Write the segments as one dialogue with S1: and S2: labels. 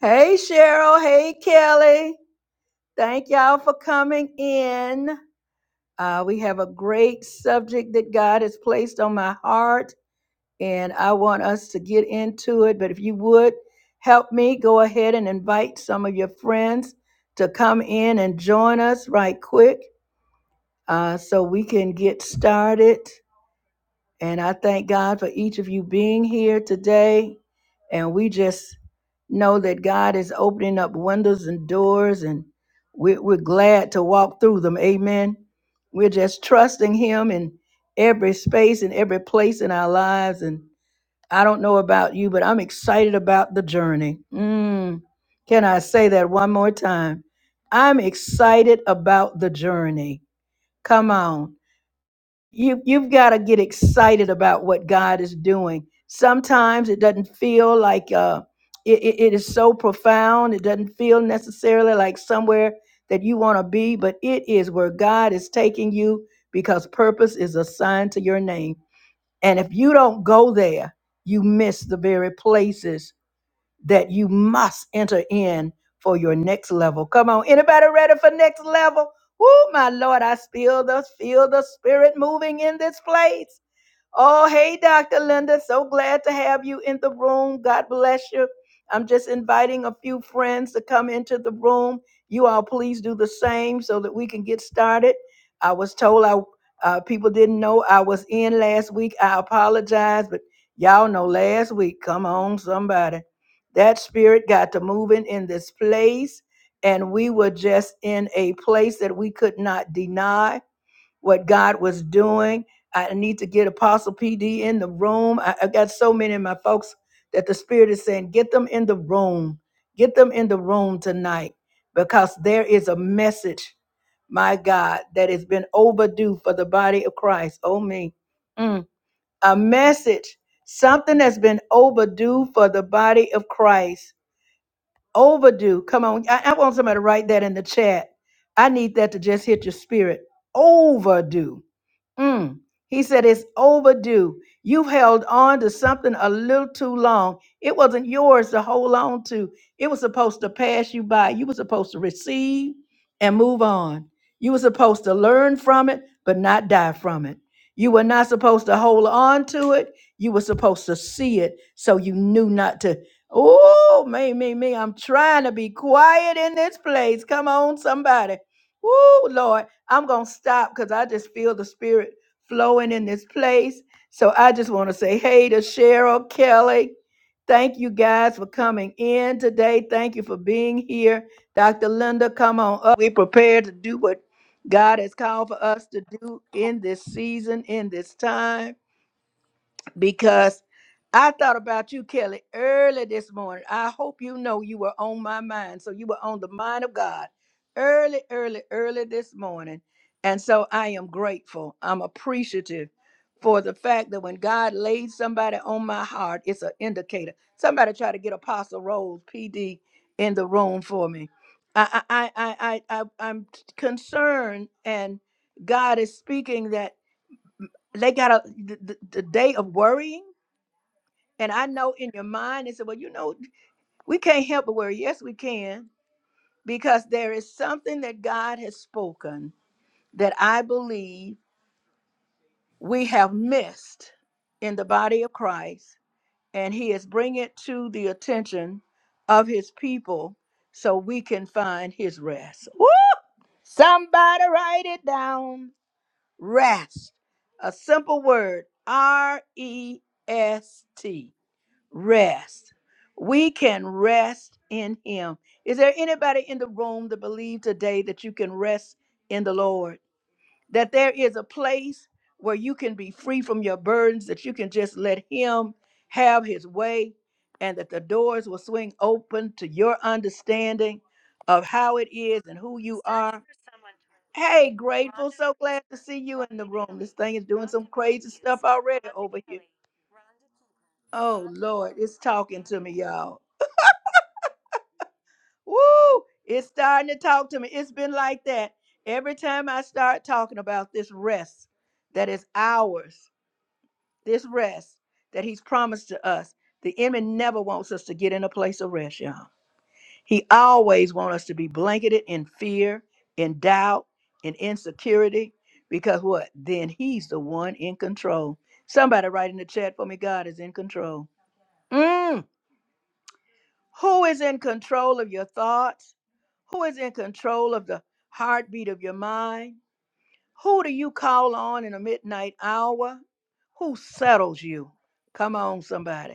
S1: Hey, Cheryl. Hey, Kelly. Thank y'all for coming in. Uh, we have a great subject that God has placed on my heart, and I want us to get into it. But if you would help me, go ahead and invite some of your friends to come in and join us right quick uh, so we can get started. And I thank God for each of you being here today. And we just know that God is opening up windows and doors, and we're, we're glad to walk through them. Amen. We're just trusting Him in every space and every place in our lives. And I don't know about you, but I'm excited about the journey. Mm. Can I say that one more time? I'm excited about the journey. Come on you you've got to get excited about what God is doing. Sometimes it doesn't feel like uh, it, it it is so profound. It doesn't feel necessarily like somewhere that you want to be, but it is where God is taking you because purpose is assigned to your name. And if you don't go there, you miss the very places that you must enter in for your next level. Come on, anybody ready for next level? Woo, my Lord, I feel the feel the spirit moving in this place. Oh, hey, Dr. Linda. So glad to have you in the room. God bless you. I'm just inviting a few friends to come into the room. You all please do the same so that we can get started. I was told I uh, people didn't know I was in last week. I apologize, but y'all know last week. Come on, somebody. That spirit got to moving in this place, and we were just in a place that we could not deny what God was doing. I need to get Apostle PD in the room. I, I got so many of my folks that the Spirit is saying, get them in the room. Get them in the room tonight because there is a message, my God, that has been overdue for the body of Christ. Oh, me. Mm. A message, something that's been overdue for the body of Christ. Overdue. Come on. I I want somebody to write that in the chat. I need that to just hit your spirit. Overdue Mm. He said, It's overdue. You've held on to something a little too long. It wasn't yours to hold on to, it was supposed to pass you by. You were supposed to receive and move on. You were supposed to learn from it, but not die from it. You were not supposed to hold on to it. You were supposed to see it so you knew not to. Oh, me, me, me. I'm trying to be quiet in this place. Come on, somebody. Woo, Lord. I'm going to stop because I just feel the spirit flowing in this place. So I just want to say, hey to Cheryl, Kelly. Thank you guys for coming in today. Thank you for being here. Dr. Linda, come on up. We prepared to do what God has called for us to do in this season, in this time because I thought about you, Kelly, early this morning. I hope you know you were on my mind. So you were on the mind of God early, early, early this morning. And so I am grateful. I'm appreciative for the fact that when God laid somebody on my heart, it's an indicator. Somebody try to get Apostle Rose PD in the room for me. I I I I, I I'm concerned and God is speaking that they got a the, the the day of worrying and I know in your mind, and said, well, you know, we can't help but worry. Yes, we can, because there is something that God has spoken that I believe we have missed in the body of Christ, and He is bringing it to the attention of His people so we can find His rest. Woo! Somebody write it down. Rest. A simple word R E S T. rest. We can rest in him. Is there anybody in the room that believe today that you can rest in the Lord? That there is a place where you can be free from your burdens, that you can just let him have his way, and that the doors will swing open to your understanding of how it is and who you are. Hey, grateful. So glad to see you in the room. This thing is doing some crazy stuff already over here. Oh Lord, it's talking to me, y'all. Woo! It's starting to talk to me. It's been like that. Every time I start talking about this rest that is ours, this rest that he's promised to us, the enemy never wants us to get in a place of rest, y'all. He always wants us to be blanketed in fear, in doubt, in insecurity, because what? Then he's the one in control. Somebody write in the chat for me, God is in control. Mm. Who is in control of your thoughts? Who is in control of the heartbeat of your mind? Who do you call on in the midnight hour? Who settles you? Come on, somebody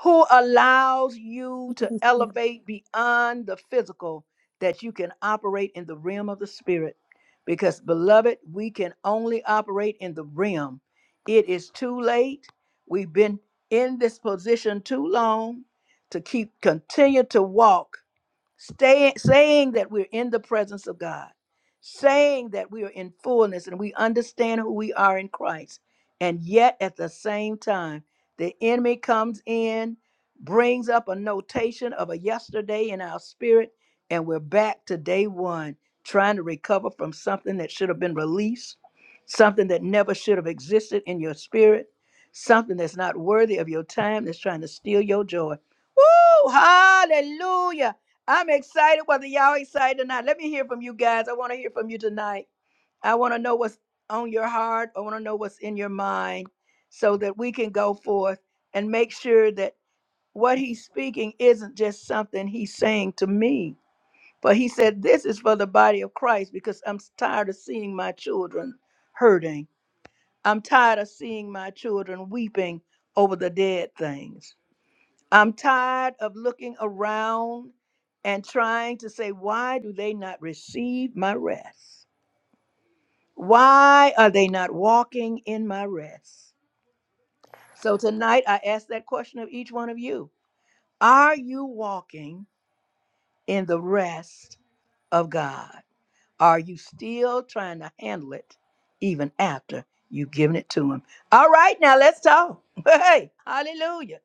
S1: who allows you to elevate beyond the physical that you can operate in the realm of the spirit. Because, beloved, we can only operate in the realm. It is too late. We've been in this position too long to keep continue to walk Stay, saying that we're in the presence of God, saying that we are in fullness and we understand who we are in Christ. And yet at the same time, the enemy comes in, brings up a notation of a yesterday in our spirit, and we're back to day one, trying to recover from something that should have been released, something that never should have existed in your spirit, something that's not worthy of your time, that's trying to steal your joy. Woo! Hallelujah! I'm excited whether y'all excited or not. Let me hear from you guys. I want to hear from you tonight. I want to know what's on your heart. I want to know what's in your mind so that we can go forth and make sure that what he's speaking isn't just something he's saying to me. But he said, This is for the body of Christ because I'm tired of seeing my children hurting. I'm tired of seeing my children weeping over the dead things. I'm tired of looking around and trying to say, why do they not receive my rest? Why are they not walking in my rest? So tonight I ask that question of each one of you Are you walking in the rest of God? Are you still trying to handle it even after you've given it to Him? All right, now let's talk. Hey, hallelujah.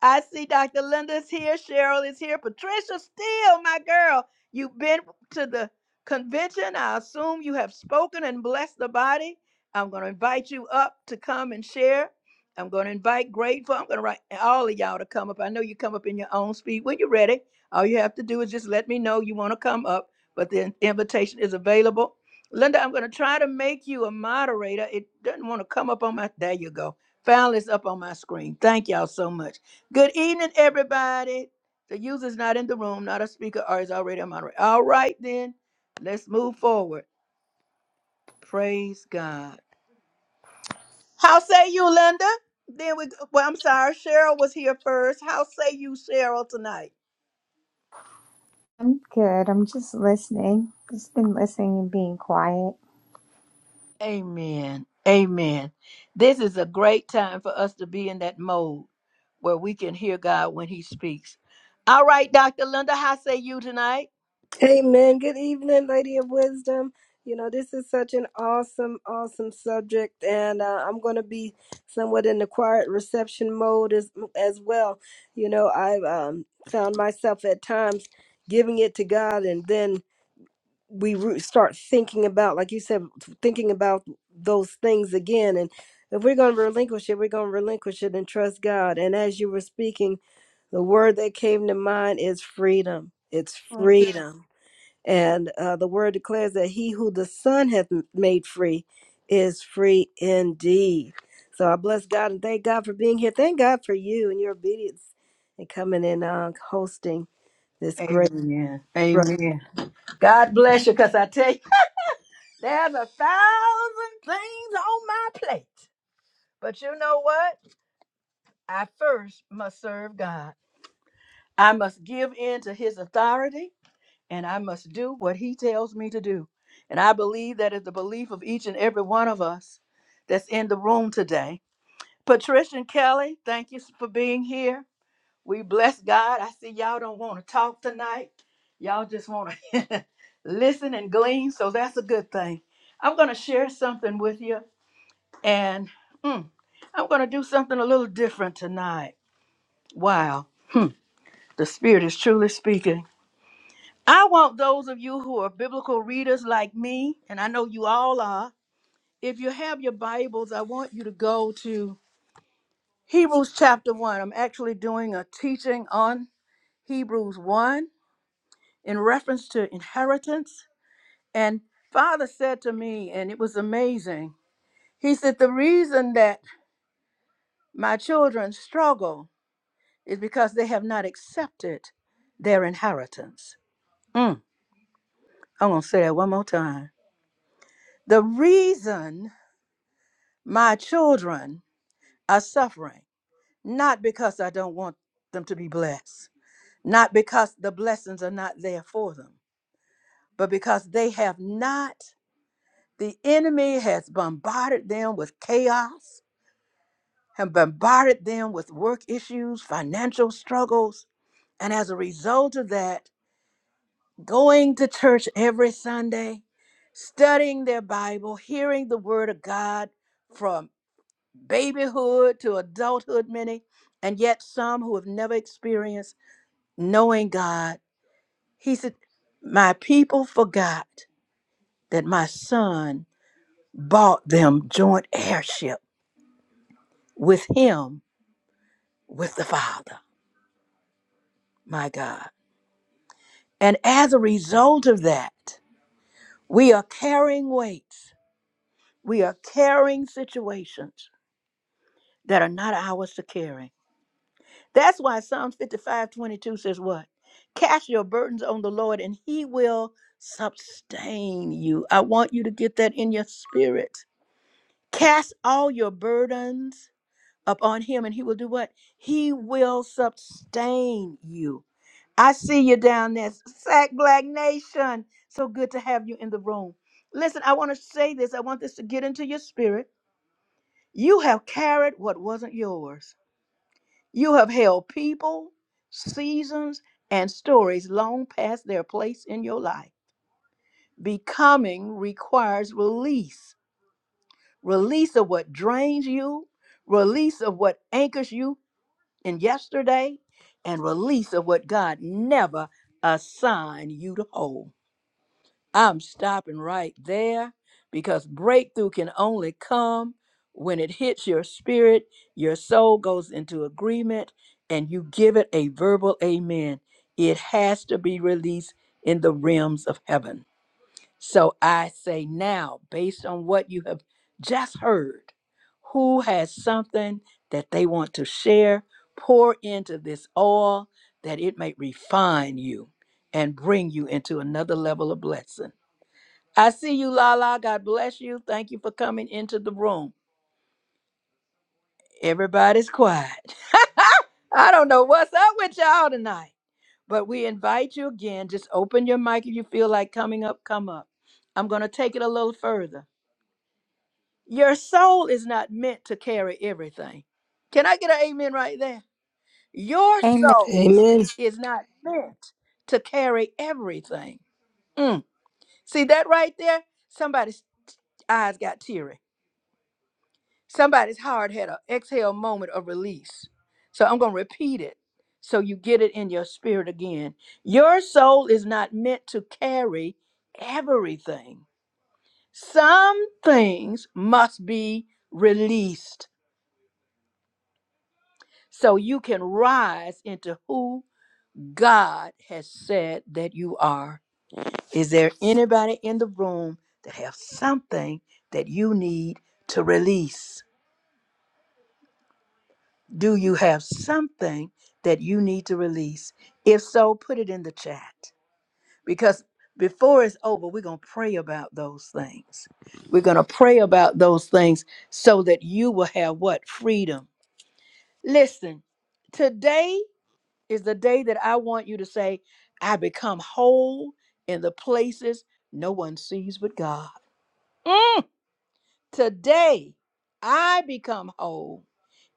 S1: I see Dr. Linda's here, Cheryl is here, Patricia Steele, my girl. You've been to the convention. I assume you have spoken and blessed the body. I'm going to invite you up to come and share. I'm going to invite Grateful. I'm going to invite all of y'all to come up. I know you come up in your own speed when you're ready. All you have to do is just let me know you want to come up, but the invitation is available. Linda, I'm going to try to make you a moderator. It doesn't want to come up on my. There you go. Found this up on my screen. Thank y'all so much. Good evening, everybody. The user's not in the room, not a speaker, or is already a moderator. All right, then, let's move forward. Praise God. How say you, Linda? Then we, well, I'm sorry, Cheryl was here first. How say you, Cheryl, tonight?
S2: I'm good. I'm just listening. Just been listening and being quiet.
S1: Amen. Amen. This is a great time for us to be in that mode where we can hear God when He speaks. All right, Dr. Linda, how say you tonight?
S3: Amen. Good evening, Lady of Wisdom. You know, this is such an awesome, awesome subject, and uh, I'm going to be somewhat in the quiet reception mode as as well. You know, I've um, found myself at times giving it to God, and then we re- start thinking about, like you said, thinking about those things again. And if we're going to relinquish it, we're going to relinquish it and trust God. And as you were speaking, the word that came to mind is freedom. It's freedom and uh, the word declares that he who the Son hath made free is free indeed. So I bless God and thank God for being here. Thank God for you and your obedience and coming and uh, hosting this great.
S1: Amen. Amen. God bless you, because I tell you. There's a thousand things on my plate. But you know what? I first must serve God. I must give in to his authority and I must do what he tells me to do. And I believe that is the belief of each and every one of us that's in the room today. Patricia and Kelly, thank you for being here. We bless God. I see y'all don't want to talk tonight. Y'all just want to listen and glean, so that's a good thing. I'm going to share something with you And mm, I'm going to do something a little different tonight. Wow. Hmm, the Spirit is truly speaking. I want those of you who are biblical readers like me, and I know you all are, if you have your Bibles, I want you to go to Hebrews chapter 1. I'm actually doing a teaching on Hebrews 1 in reference to inheritance. And Father said to me, and it was amazing, He said, The reason that my children struggle is because they have not accepted their inheritance. Mm, I'm going to say that one more time. The reason my children are suffering, not because I don't want them to be blessed, not because the blessings are not there for them, but because they have not, the enemy has bombarded them with chaos, have bombarded them with work issues, financial struggles. And as a result of that, going to church every Sunday, studying their Bible, hearing the Word of God from babyhood to adulthood, many, and yet some who have never experienced knowing God. He said, My people forgot that my son bought them joint heirship with him, with the Father, my God. And as a result of that, we are carrying weights, we are carrying situations that are not ours to carry. That's why Psalms 55:22 says, What? Cast your burdens on the Lord and he will sustain you. I want you to get that in your spirit. Cast all your burdens upon him and he will do what? He will sustain you. I see you down there, Sack Black Nation. So good to have you in the room. Listen, I want to say this. I want this to get into your spirit. You have carried what wasn't yours. You have held people, seasons, and stories long past their place in your life. Becoming requires release release of what drains you, release of what anchors you in yesterday, and release of what God never assigned you to hold. I'm stopping right there because breakthrough can only come when it hits your spirit, your soul goes into agreement, and you give it a verbal amen. It has to be released in the realms of heaven. So I say now, based on what you have just heard, who has something that they want to share, pour into this oil that it may refine you and bring you into another level of blessing. I see you, Lala. God bless you. Thank you for coming into the room. Everybody's quiet. I don't know what's up with y'all tonight, but we invite you again. Just open your mic if you feel like coming up, come up. I'm going to take it a little further. Your soul is not meant to carry everything. Can I get an amen right there? Your
S2: Amen.
S1: soul
S3: Amen.
S1: is not meant to carry everything. Mm. See that right there? Somebody's eyes got teary. Somebody's heart had an exhale moment of release. So I'm going to repeat it so you get it in your spirit again. Your soul is not meant to carry everything, some things must be released so you can rise into who God has said that you are. Is there anybody in the room that have something that you need to release? Do you have something that you need to release? If so, put it in the chat because before it's over, we're going to pray about those things. We're going to pray about those things so that you will have what? Freedom. Listen, today is the day that I want you to say, I become whole in the places no one sees but God. Mm, today, I become whole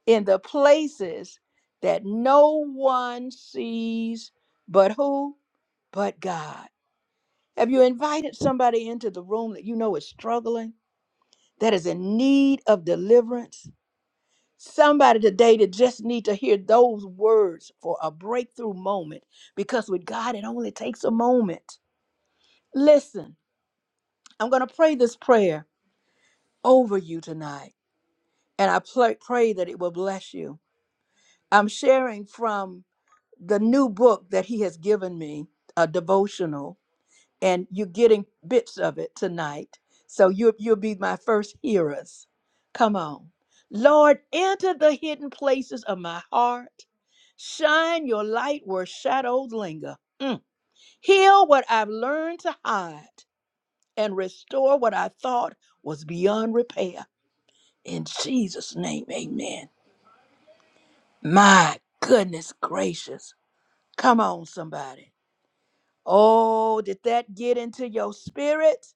S1: in the places that no one sees but who? But God. Have you invited somebody into the room that you know is struggling, that is in need of deliverance? Somebody today that just need to hear those words for a breakthrough moment because with God it only takes a moment. Listen, I'm going to pray this prayer over you tonight and I pray, pray that it will bless you. I'm sharing from the new book that he has given me, a devotional, and you're getting bits of it tonight. So you, you'll be my first hearers. Come on. Lord, enter the hidden places of my heart. Shine your light where shadows linger. Mm. Heal what I've learned to hide and restore what I thought was beyond repair. In Jesus' name, amen. My goodness gracious. Come on, somebody. Oh, did that get into your spirit?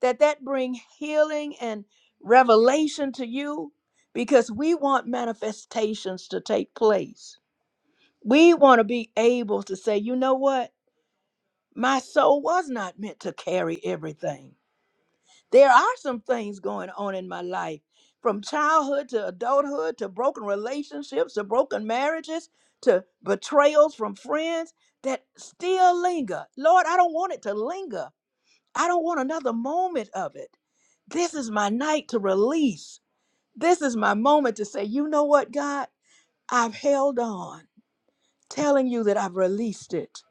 S1: Did that bring healing and revelation to you? Because we want manifestations to take place. We want to be able to say, you know what? My soul was not meant to carry everything. There are some things going on in my life from childhood to adulthood to broken relationships to broken marriages to betrayals from friends that still linger. Lord, I don't want it to linger. I don't want another moment of it. This is my night to release. This is my moment to say, you know what, God? I've held on, telling you that I've released it.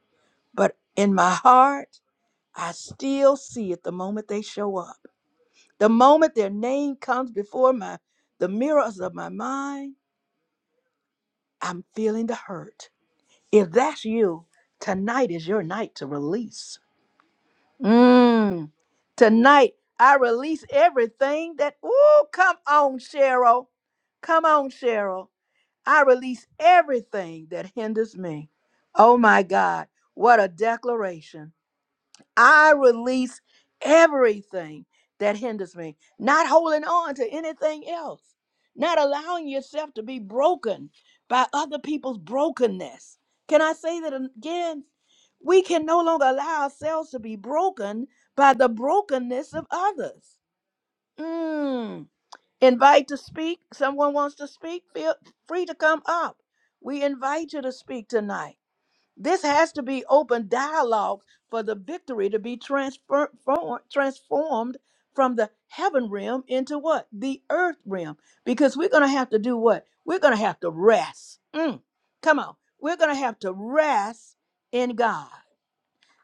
S1: But in my heart, I still see it the moment they show up. The moment their name comes before my the mirrors of my mind, I'm feeling the hurt. If that's you, tonight is your night to release. Mm. Tonight, I release everything that, ooh, come on, Cheryl. Come on, Cheryl. I release everything that hinders me. Oh my God, what a declaration. I release everything that hinders me, not holding on to anything else, not allowing yourself to be broken by other people's brokenness. Can I say that again? We can no longer allow ourselves to be broken by the brokenness of others. Mm. Invite to speak. Someone wants to speak. Feel free to come up. We invite you to speak tonight. This has to be open dialogue for the victory to be transfer- form- transformed from the heaven realm into what? The earth realm. Because we're going to have to do what? We're going to have to rest. Mm. Come on. We're going to have to rest in God.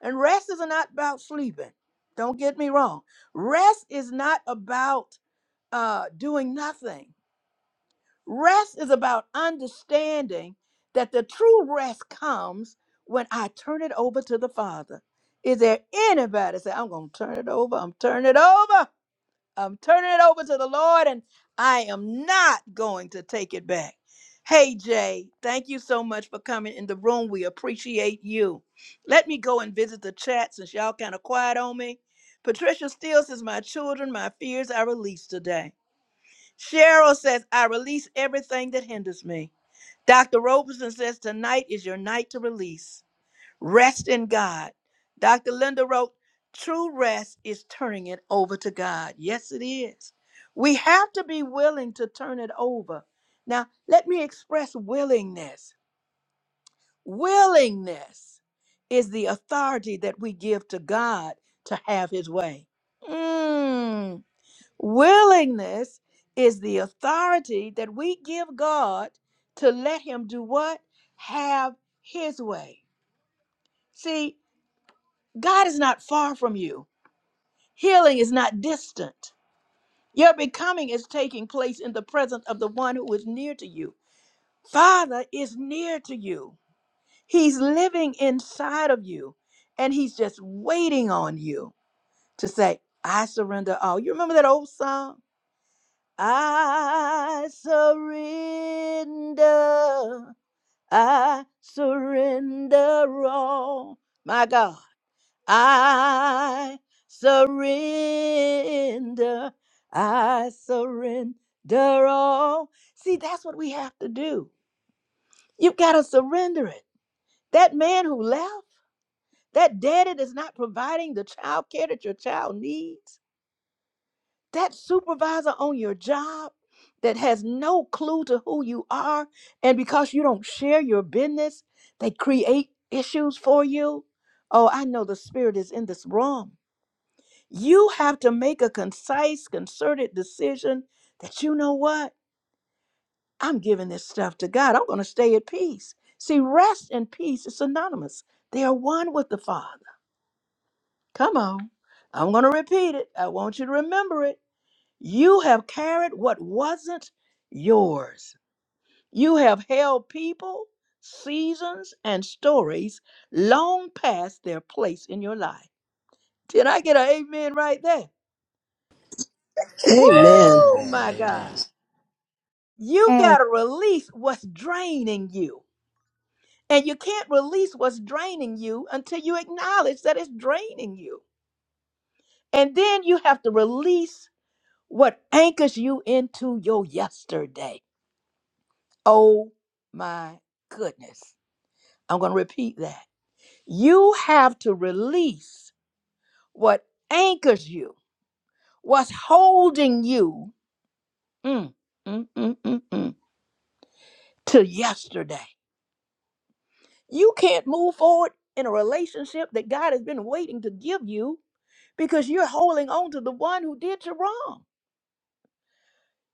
S1: And rest is not about sleeping. Don't get me wrong. Rest is not about uh, doing nothing. Rest is about understanding that the true rest comes when I turn it over to the Father. Is there anybody say, I'm going to turn it over? I'm turning it over. I'm turning it over to the Lord and I am not going to take it back. Hey, Jay, thank you so much for coming in the room. We appreciate you. Let me go and visit the chat since y'all kind of quiet on me. Patricia Steele says, My children, my fears I released today. Cheryl says, I release everything that hinders me. Dr. Roberson says, Tonight is your night to release. Rest in God. Dr. Linda wrote, True rest is turning it over to God. Yes, it is. We have to be willing to turn it over. Now, let me express willingness. Willingness is the authority that we give to God to have his way. Mm. Willingness is the authority that we give God to let Him do what? Have His way. See, God is not far from you, healing is not distant. Your becoming is taking place in the presence of the one who is near to you. Father is near to you, He's living inside of you, and He's just waiting on you to say, I surrender all. You remember that old song? I surrender. I surrender all. My God, I surrender. I surrender all. See, that's what we have to do. You've got to surrender it. That man who left, that daddy that's not providing the child care that your child needs, that supervisor on your job that has no clue to who you are and because you don't share your business they create issues for you oh i know the spirit is in this room you have to make a concise concerted decision that you know what i'm giving this stuff to god i'm going to stay at peace see rest and peace is synonymous they are one with the father come on i'm going to repeat it i want you to remember it You have carried what wasn't yours. You have held people, seasons, and stories long past their place in your life. Did I get an amen right there?
S4: Amen.
S3: Amen.
S1: Woo,
S4: Amen.
S1: my God.
S4: Amen.
S1: You
S2: Amen.
S1: got to release what's draining you. And you can't release what's draining you until you acknowledge that it's draining you. And then you have to release what anchors you into your yesterday. Oh, my goodness. I'm going to repeat that. You have to release what anchors you, what's holding you mm, mm, mm, mm, mm, to yesterday. You can't move forward in a relationship that God has been waiting to give you because you're holding on to the one who did you wrong.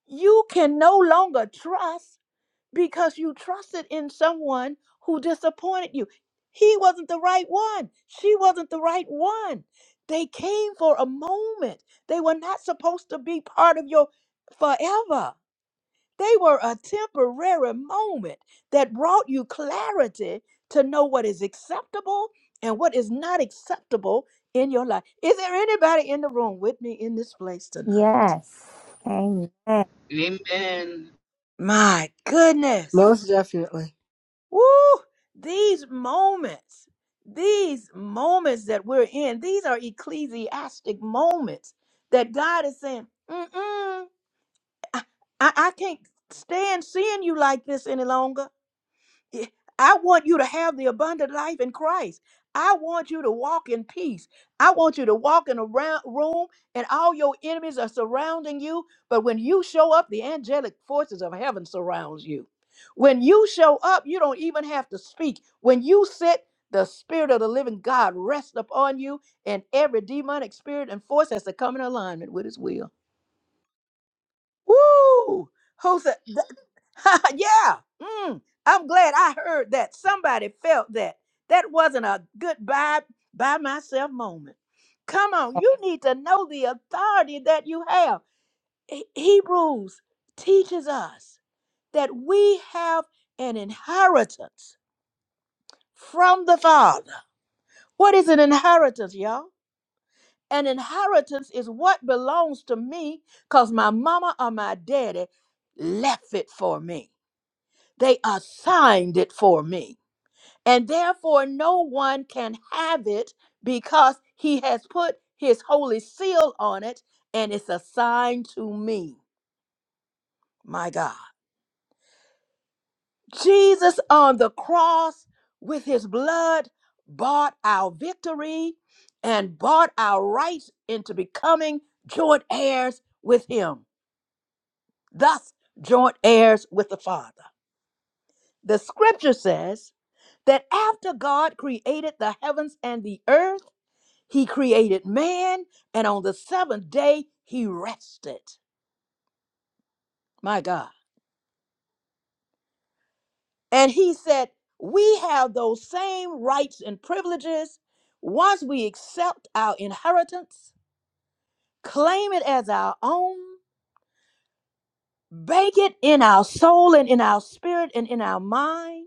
S1: You can no longer trust. because you trusted in someone who disappointed you. He wasn't the right one. She wasn't the right one. They came for a moment. They were not supposed to be part of your forever. They were a temporary moment that brought you clarity to know what is acceptable and what is not acceptable in your life. Is there anybody in the room with me in this place tonight?
S2: Yes. Amen.
S5: Amen.
S1: My goodness.
S3: Most definitely.
S1: Woo! These moments, these moments that we're in, these are ecclesiastic moments that God is saying, Mm-mm, I, I I can't stand seeing you like this any longer. Yeah, I want you to have the abundant life in Christ. I want you to walk in peace. I want you to walk in a round room and all your enemies are surrounding you. But when you show up, the angelic forces of heaven surrounds you. When you show up, you don't even have to speak. When you sit, the spirit of the living God rests upon you and every demonic spirit and force has to come in alignment with his will. Woo! Jose, th- yeah. Mm, I'm glad I heard that. Somebody felt that. That wasn't a goodbye by myself moment. Come on, you need to know the authority that you have. He- Hebrews teaches us that we have an inheritance from the Father. What is an inheritance, y'all? An inheritance is what belongs to me because my mama or my daddy left it for me. They assigned it for me. And therefore, no one can have it because he has put his holy seal on it and it's assigned to me. My God. Jesus on the cross with his blood bought our victory and bought our rights into becoming joint heirs with him, thus, joint heirs with the Father. The scripture says, that after God created the heavens and the earth, he created man, and on the seventh day, he rested. My God. And he said, We have those same rights and privileges once we accept our inheritance, claim it as our own, bake it in our soul and in our spirit and in our mind.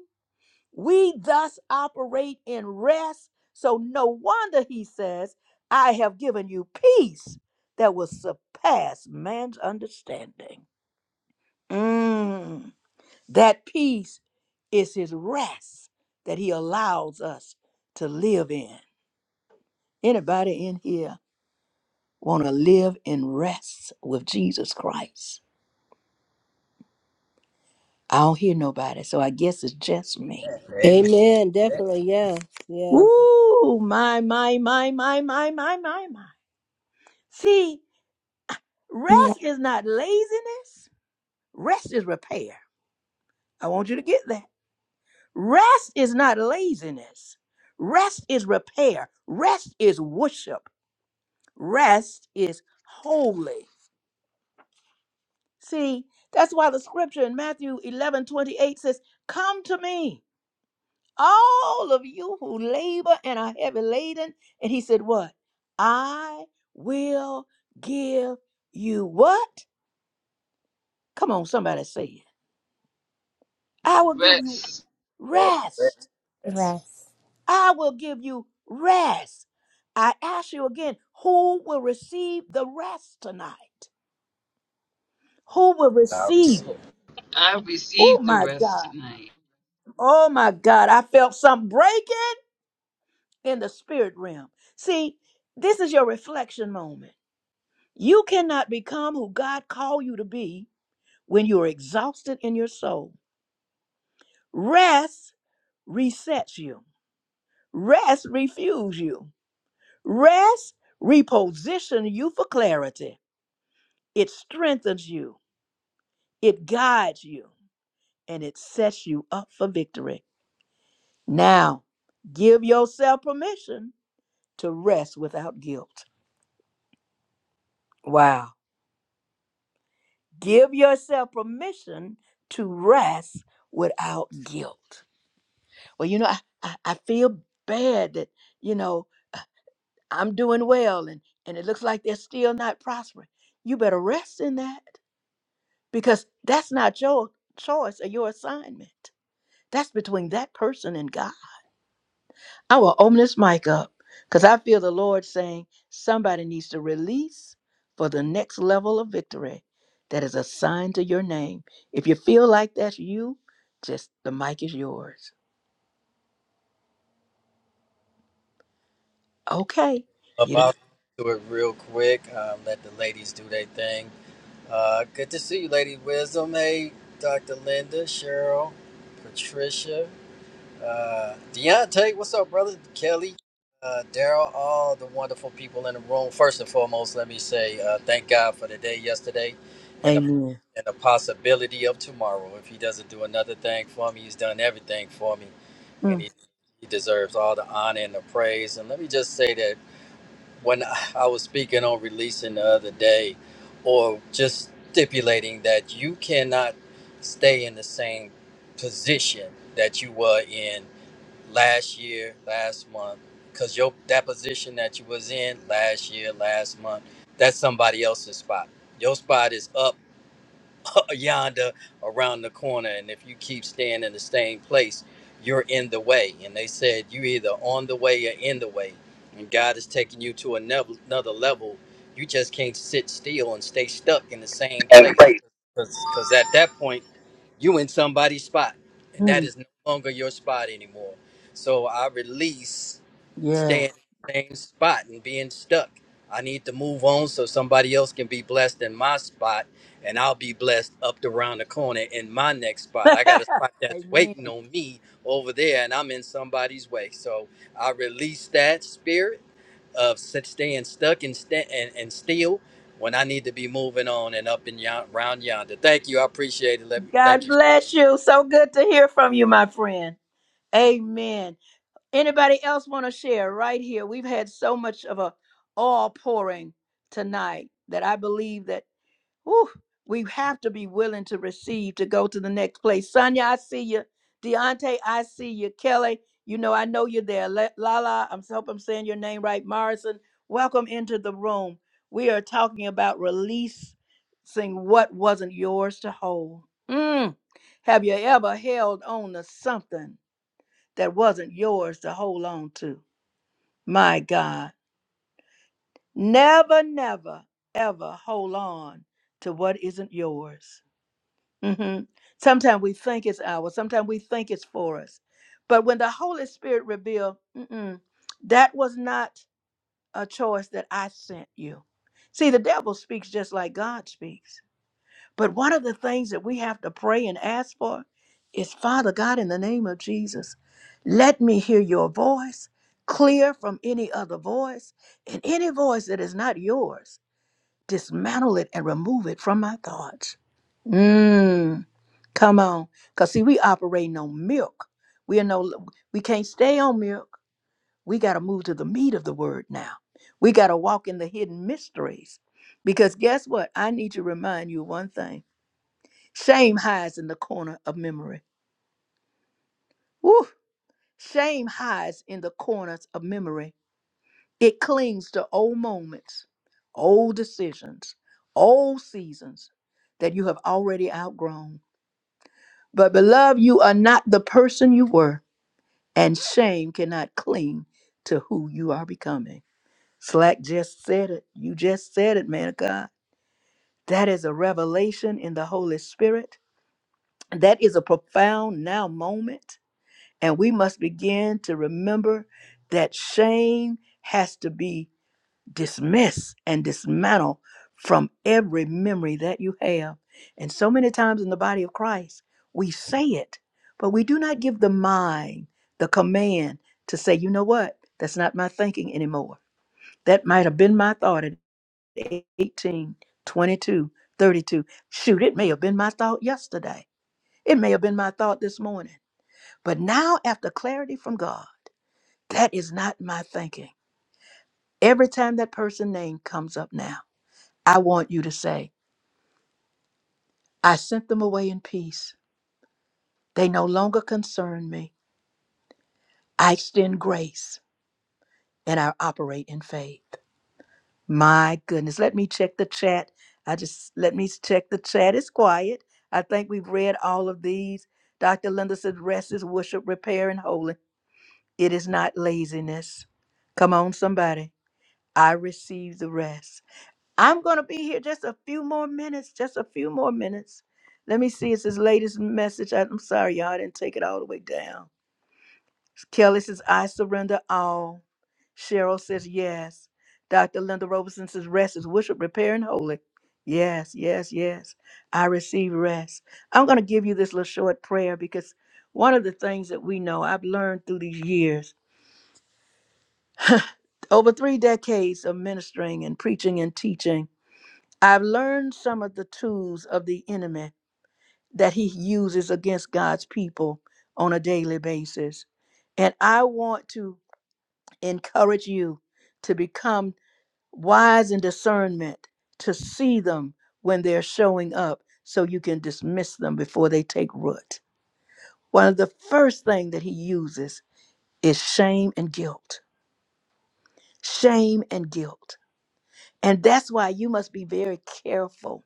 S1: We thus operate in rest. So no wonder he says, I have given you peace that will surpass man's understanding. Mm, That peace is his rest that he allows us to live in. Anybody in here want to live in rest with Jesus Christ? I don't hear nobody, so I guess it's just me.
S4: Amen.
S3: Amen.
S4: Yes,
S3: Definitely. Yes. Yes.
S1: Woo! My, my, my, my, my, my, my, my. See,
S2: Yes.
S1: Rest is not laziness, rest is repair. I want you to get that. Rest is not laziness, rest is repair, rest is worship, rest is holy. See, that's why the scripture in Matthew 11 28 says, Come to me, all of you who labor and are heavy laden. And he said, What? I will give you what? Come on, somebody say it. I will give you
S5: Rest.
S4: yes,
S1: rest.
S4: yes.
S2: Yes.
S1: I will give you rest. I ask you again, who will receive the rest tonight? Who will
S4: I'll
S1: receive
S4: receive.
S1: it?
S4: it.
S5: I
S1: Oh
S5: received the
S1: my
S5: rest
S1: God.
S5: tonight.
S1: Oh my God. I felt something breaking in the spirit realm. See, this is your reflection moment. You cannot become who God called you to be when you're exhausted in your soul. Rest resets you. Rest refuels you. Rest repositions you for clarity. It strengthens you, it guides you, and it sets you up for victory. Now, give yourself permission to rest without guilt. Wow. Give yourself permission to rest without guilt. Well, you know, I, I, I feel bad that, you know, I'm doing well and, and it looks like they're still not prospering. You better rest in that because that's not your choice or your assignment. That's between that person and God. I will open this mic up because I feel the Lord saying somebody needs to release for the next level of victory that is assigned to your name. If you feel like that's you, just the mic is yours. Okay.
S4: Up,
S1: You
S4: I'll
S1: don't.
S4: do it real quick. Um, let the ladies do their thing. Uh, good to see you, Lady Wisdom. Hey, Dr. Linda, Cheryl, Patricia. Uh, Deontay, what's up, brother? Kelly, uh, Daryl, all the wonderful people in the room. First and foremost, let me say uh, thank God for the day yesterday and the,
S1: Amen.
S4: and the possibility of tomorrow. If He doesn't do another thing for me, He's done everything for me, and
S1: Mm,
S4: He He deserves all the honor and the praise. And let me just say that when I I was speaking on releasing the other day, or just stipulating that you cannot stay in the same position that you were in last year, last month, because your that position that you was in last year, last month, that's somebody else's spot. Your spot is up yonder, around the corner, and if you keep staying in the same place, you're in the way. And they said you either on the way or in the way, and God is taking you to another another level. You just can't sit still and stay stuck in the same
S1: And
S4: place,
S1: praise.
S4: because at that point you in somebody's spot and that
S1: mm,
S4: is no longer your spot anymore so i release
S1: yeah.
S4: staying in the same spot and being stuck i need to move on so somebody else can be blessed in my spot and i'll be blessed up to around the corner in my next spot i got a spot that's
S1: Amen.
S4: waiting on me over there and i'm in somebody's way so i release that spirit of staying stuck and, sta and, and still when I need to be moving on and up and yon, round yonder. Thank you. I appreciate it. Let me thank
S1: God
S4: you.
S1: bless you. So good to hear from you, my friend. Amen. Anybody else want to share right here? We've had so much of a all pouring tonight that I believe that whew, we have to be willing to receive to go to the next place. Sonia, I see you. Deontay, I see you. Kelly, you know, I know you're there. La- Lala, I'm hope I'm saying your name right. Morrison, welcome into the room. We are talking about releasing what wasn't yours to hold. Mm. Have you ever held on to something that wasn't yours to hold on to? My God, never, never, ever hold on to what isn't yours. hmm Sometimes we think it's ours. Sometimes we think it's for us. But when the Holy Spirit revealed, Mm-mm, that was not a choice that I sent you. See, the devil speaks just like God speaks. But one of the things that we have to pray and ask for is Father God, in the name of Jesus, let me hear your voice clear from any other voice and any voice that is not yours. Dismantle it and remove it from my thoughts. Mm, come on. Because see, we operating on milk. We are no we can't stay on milk. We gotta move to the meat of the word now. We gotta walk in the hidden mysteries. Because guess what? I need to remind you one thing. Shame hides in the corner of memory. Woo! Shame hides in the corners of memory. It clings to old moments, old decisions, old seasons that you have already outgrown. But, beloved, you are not the person you were, and shame cannot cling to who you are becoming. Slack just said it. You just said it, man of God. That is a revelation in the Holy Spirit. That is a profound now moment And we must begin to remember that shame has to be dismissed and dismantled from every memory that you have. And so many times in the body of Christ, we say it, but we do not give the mind the command to say, you know what? That's not my thinking anymore. That might have been my thought at 18, 22, 32. Shoot, it may have been my thought yesterday. It may have been my thought this morning. But now, after clarity from God, that is not my thinking. Every time that person name comes up now, I want you to say, I sent them away in peace. They no longer concern me. I extend grace and I operate in faith. My goodness, let me check the chat. I just let me check the chat. It's quiet. I think we've read all of these. Dr. Linda says rest is worship, repair, and holy. It is not laziness. Come on, somebody. I receive the rest. I'm going to be here just a few more minutes, just a few more minutes. Let me see. It's his latest message. I- I'm sorry, y'all. I didn't take it all the way down. Kelly says, I surrender all. Cheryl says, yes. Dr. Linda Robertson says, rest is worship, repair, and holy. Yes, yes, yes. I receive rest. I'm going to give you this little short prayer because one of the things that we know I've learned through these years, over three decades of ministering and preaching and teaching, I've learned some of the tools of the enemy that he uses against God's people on a daily basis. And I want to encourage you to become wise in discernment, to see them when they're showing up so you can dismiss them before they take root. One of the first things that he uses is shame and guilt. Shame and guilt. And that's why you must be very careful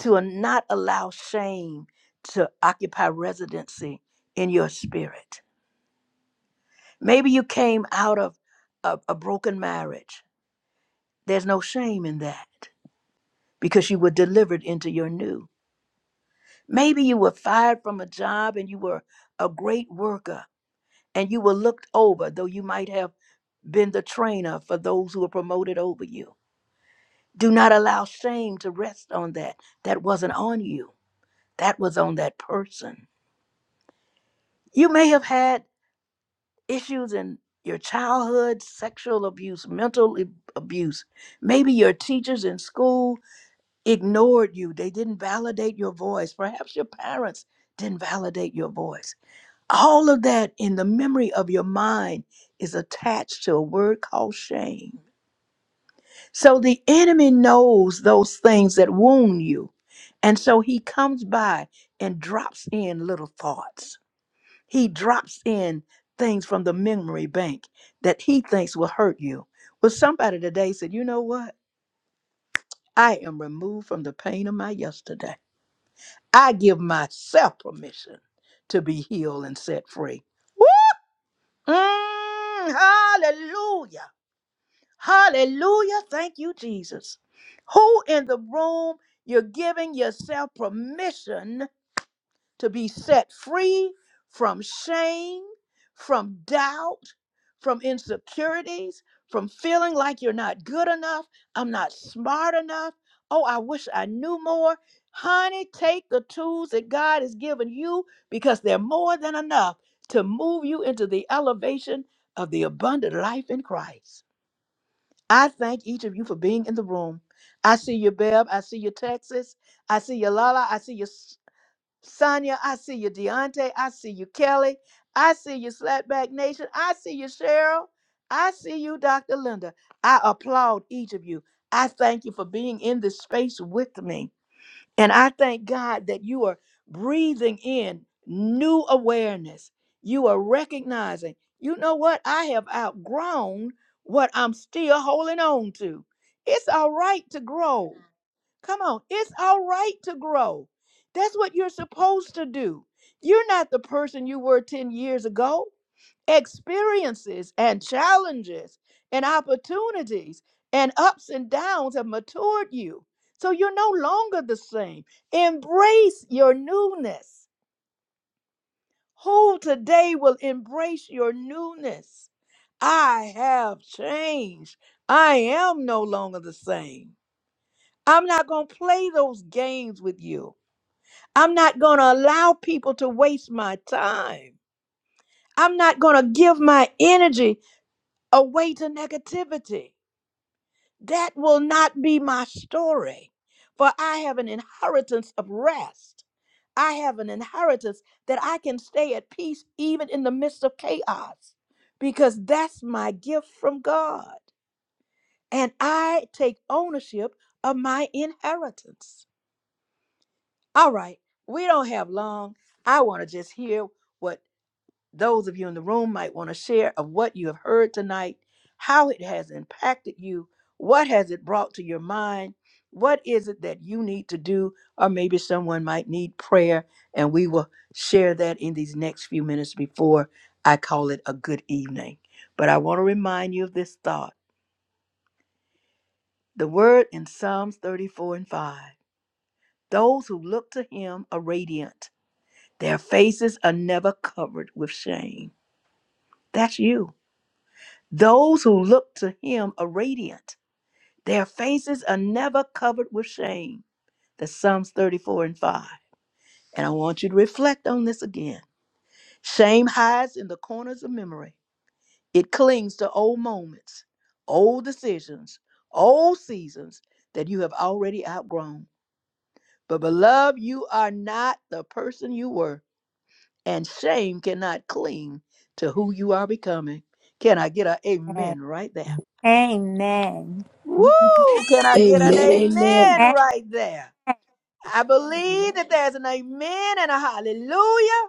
S1: to not allow shame to occupy residency in your spirit Maybe you came out of a, a broken marriage. There's no shame in that because you were delivered into your new. Maybe you were fired from a job and you were a great worker and you were looked over, though you might have been the trainer for those who were promoted over you. Do not allow shame to rest on that. That wasn't on you, that was on that person. You may have had issues in your childhood, sexual abuse, mental ab- abuse. Maybe your teachers in school ignored you, they didn't validate your voice. Perhaps your parents didn't validate your voice. All of that in the memory of your mind is attached to a word called shame. So the enemy knows those things that wound you. And so he comes by and drops in little thoughts. He drops in things from the memory bank that he thinks will hurt you. But somebody today said, you know what? I am removed from the pain of my yesterday. I give myself permission to be healed and set free. Woo! Mm, hallelujah. Hallelujah. Thank you, Jesus. Who in the room you're giving yourself permission? to be set free from shame, from doubt, from insecurities, from feeling like you're not good enough, I'm not smart enough. Oh, I wish I knew more. Honey, take the tools that God has given you because they're more than enough to move you into the elevation of the abundant life in Christ. I thank each of you for being in the room. I see you, Bev. I see you, Texas. I see you, Lala. I see you, Sonia, I see you. Deontay, I see you. Kelly, I see you. Slapback Nation, I see you. Cheryl, I see you. Dr. Linda, I applaud each of you. I thank you for being in this space with me. And I thank God that you are breathing in new awareness. You are recognizing, you know what? I have outgrown what I'm still holding on to. It's all right to grow. Come on, it's all right to grow. That's what you're supposed to do. You're not the person you were 10 years ago. Experiences and challenges and opportunities and ups and downs have matured you. So you're no longer the same. Embrace your newness. Who today will embrace your newness? I have changed. I am no longer the same. I'm not going to play those games with you. I'm not going to allow people to waste my time. I'm not going to give my energy away to negativity. That will not be my story. For I have an inheritance of rest. I have an inheritance that I can stay at peace even in the midst of chaos because that's my gift from God. And I take ownership of my inheritance. All right, we don't have long. I want to just hear what those of you in the room might want to share of what you have heard tonight, how it has impacted you, what has it brought to your mind, what is it that you need to do, or maybe someone might need prayer, and we will share that in these next few minutes before I call it a good evening. But I want to remind you of this thought the word in Psalms 34 and 5 those who look to him are radiant, their faces are never covered with shame. That's you. Those who look to him are radiant. Their faces are never covered with shame. That's Psalms 34 and 5. And I want you to reflect on this again. Shame hides in the corners of memory, it clings to old moments, old decisions, old seasons that you have already outgrown. But, beloved, you are not the person you were, and shame cannot cling to who you are becoming. Can I get a amen right there?
S2: Amen.
S1: Woo! Can I get an
S3: Amen. Amen.
S1: amen
S2: Amen.
S1: right there? I believe that there's an amen and a hallelujah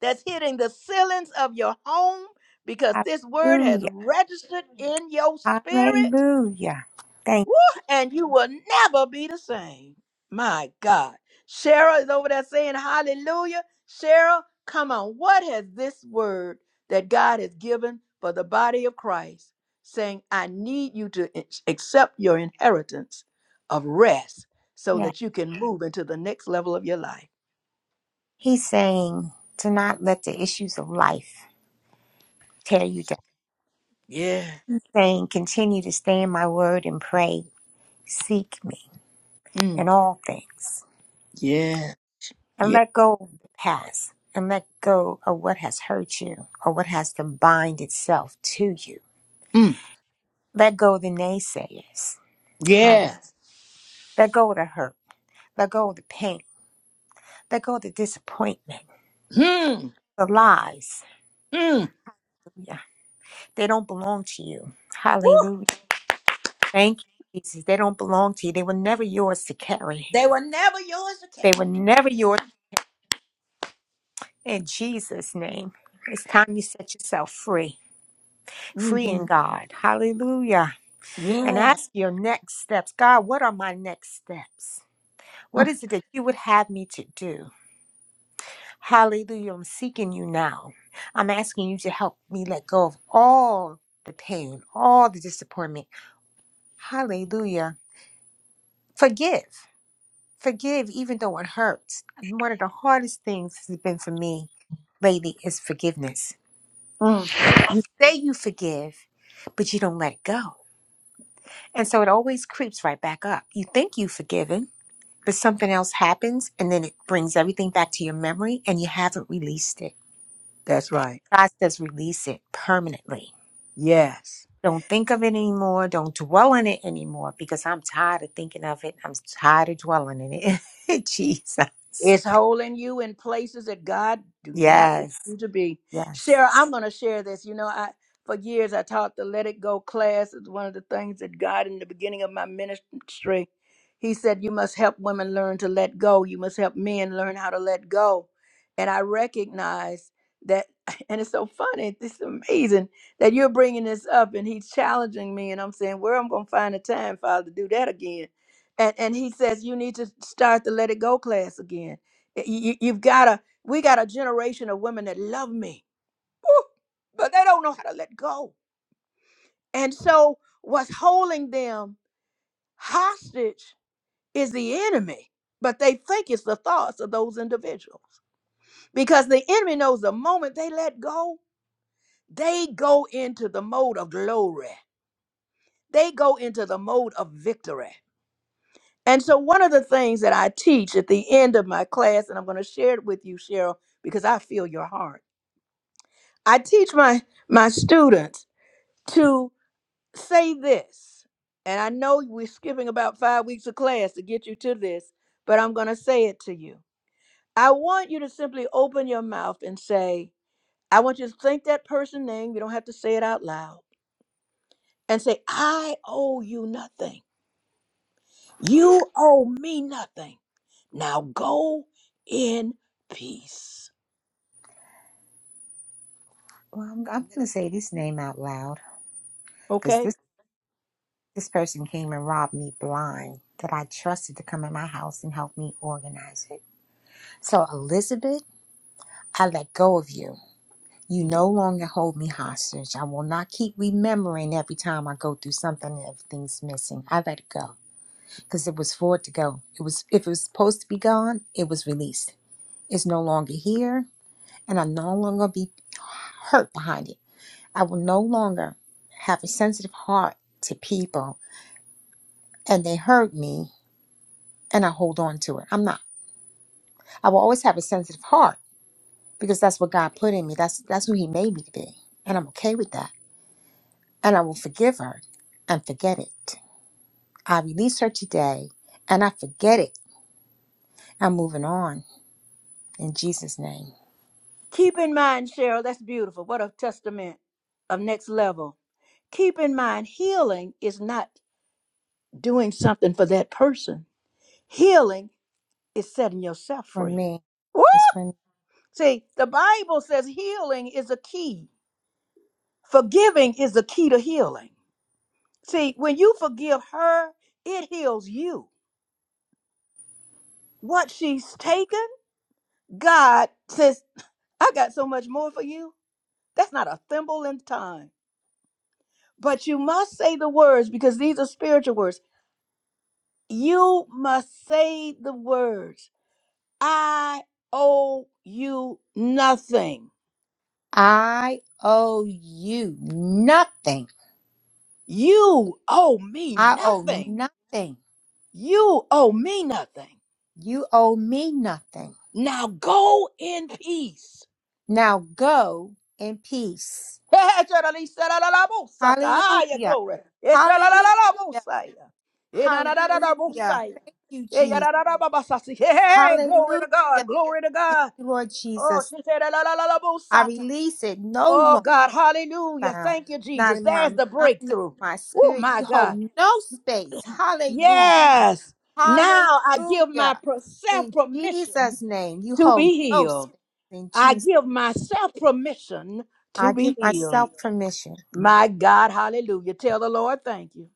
S1: that's hitting the ceilings of your home because this word has
S2: Hallelujah.
S1: registered in your spirit.
S2: Hallelujah. Thank
S1: And you will never be the same. My God. Cheryl is over there saying hallelujah. Cheryl, come on. What has this word that God has given for the body of Christ saying, I need you to ex- accept your inheritance of rest so
S2: you.
S1: that you can move into the next level of your life?
S2: He's saying to not let the issues of life tear you down.
S1: Yeah.
S2: He's saying continue to stay in my word and pray. Seek me
S1: Mm.
S2: in all things.
S1: Yeah.
S2: and
S1: Yeah.
S2: let go of the past and let go of what has hurt you or what has to bind itself to you.
S1: Mm.
S2: Let go of the naysayers. Holly.
S1: Yeah.
S2: Let go of the hurt. Let go of the pain. Let go of the disappointment.
S1: Hmm.
S2: The lies.
S1: Mm.
S2: Yeah. They don't belong to you. Hallelujah. Thank you, Jesus. They don't belong to you. They were never yours to carry.
S1: They were never yours to
S2: They were never yours in Jesus' name. It's time you set yourself free.
S1: carry.
S2: Free
S1: hmm
S2: in God. Hallelujah. and
S1: Yeah.
S2: ask your next steps. God, what are my next steps? What is it that you would have me to do? Hallelujah. I'm seeking you now. I'm asking you to help me let go of all the pain, all the disappointment. Hallelujah. Forgive. Forgive even though it hurts. One of the hardest things has been for me lately is forgiveness.
S1: Mm.
S2: You say you forgive, but you don't let go. And so it always creeps right back up. You think you've forgiven, but something else happens and then it brings everything back to your memory and you haven't released it.
S1: That's right.
S2: God says release it permanently.
S1: Yes.
S2: Don't think of it anymore. Don't dwell on it anymore because I'm tired of thinking of it. I'm tired of dwelling in it. Jesus.
S1: It's holding you in places that God do not want
S2: Yes.
S1: you to be.
S2: Yes.
S1: Sarah, I'm gonna share this. You know, I for years I taught the Let It Go class. It's one of the things that God in the beginning of my ministry, He said, You must help women learn to let go. You must help men learn how to let go. And I recognize that and it's so funny, it's amazing that you're bringing this up and he's challenging me and I'm saying, where am I going to find the time, Father, to do that again? and and he says you need to start the let it go class again you, have got to we got a generation of women that love me woo, but they don't know how to let go and so what's holding them hostage is the enemy but they think it's the thoughts of those individuals because the enemy knows the moment they let go they go into the mode of glory they go into the mode of victory And so, one of the things that I teach at the end of my class, and I'm going to share it with you, Cheryl, because I feel your heart. I teach my my students to say this, and I know we're skipping about five weeks of class to get you to this, but I'm going to say it to you. I want you to simply open your mouth and say, I want you to think that person name. You don't have to say it out loud, and say, I owe you nothing. You owe me nothing. Now go in peace.
S2: Well, I'm, I'm going to say this name out loud because
S1: Okay?
S2: this, this person came and robbed me blind that I trusted to come in my house and help me organize it. So, Elizabeth, I let go of you. You
S1: Mhm.
S2: no longer hold me hostage. I will not keep remembering every time I go through something and everything's missing. I let it go because it was for it to go. It was if it was supposed to be gone, it was released. It's no longer here, and i no longer be hurt behind it. I will no longer have a sensitive heart to people, and they hurt me, and I hold on to it. I'm not. I will always have a sensitive heart because that's what God put in me. That's that's who He made me to be, and I'm okay with that and I will forgive her and forget it. I release her today and I forget it. I'm moving on in Jesus' name.
S1: Keep in mind, Cheryl, that's beautiful. What a testament of next level. Keep in mind, healing is not doing something for that person, healing is setting yourself
S2: For
S1: free.
S2: me,
S1: Woo!
S2: it's for me.
S1: See, the Bible says healing is a key, forgiving is the key to healing. See, when you forgive her, it heals you. What she's taken, God says, I got so much more for you. That's not a thimble in time. But you must say the words because these are spiritual words. You must say the words. I owe you nothing.
S2: I owe you nothing.
S1: You owe me
S2: I owe
S1: nothing.
S2: nothing.
S1: You owe me nothing.
S2: You owe me nothing.
S1: Now go in peace.
S2: Now go in peace. Hallelujah. Hallelujah. Hallelujah. Thank you,
S1: Glory.
S2: Jesus. Hallelujah.
S1: Glory to God. Glory to
S2: Thank
S1: God.
S2: you, Lord
S1: Oh,
S2: Jesus.
S1: she said, "La, la, la, la,
S2: I
S1: bosata."
S2: release it no longer.
S1: Oh, God, hallelujah.
S2: found,
S1: Thank you,
S2: not
S1: Jesus.
S2: in my
S1: There's
S2: mind,
S1: the
S2: not in
S1: breakthrough.
S2: my
S1: Oh,
S2: spirit.
S1: my
S2: You
S1: God.
S2: hold no space. Hallelujah.
S1: Yes. Now I give
S2: Hallelujah.
S1: myself
S2: In
S1: permission
S2: Jesus' name, you
S1: to
S2: hold
S1: be
S2: no
S1: healed.
S2: space. In
S1: I
S2: Jesus,
S1: give myself permission to
S2: I
S1: be
S2: give
S1: healed.
S2: myself permission.
S1: My God, hallelujah. Tell the Lord, thank you.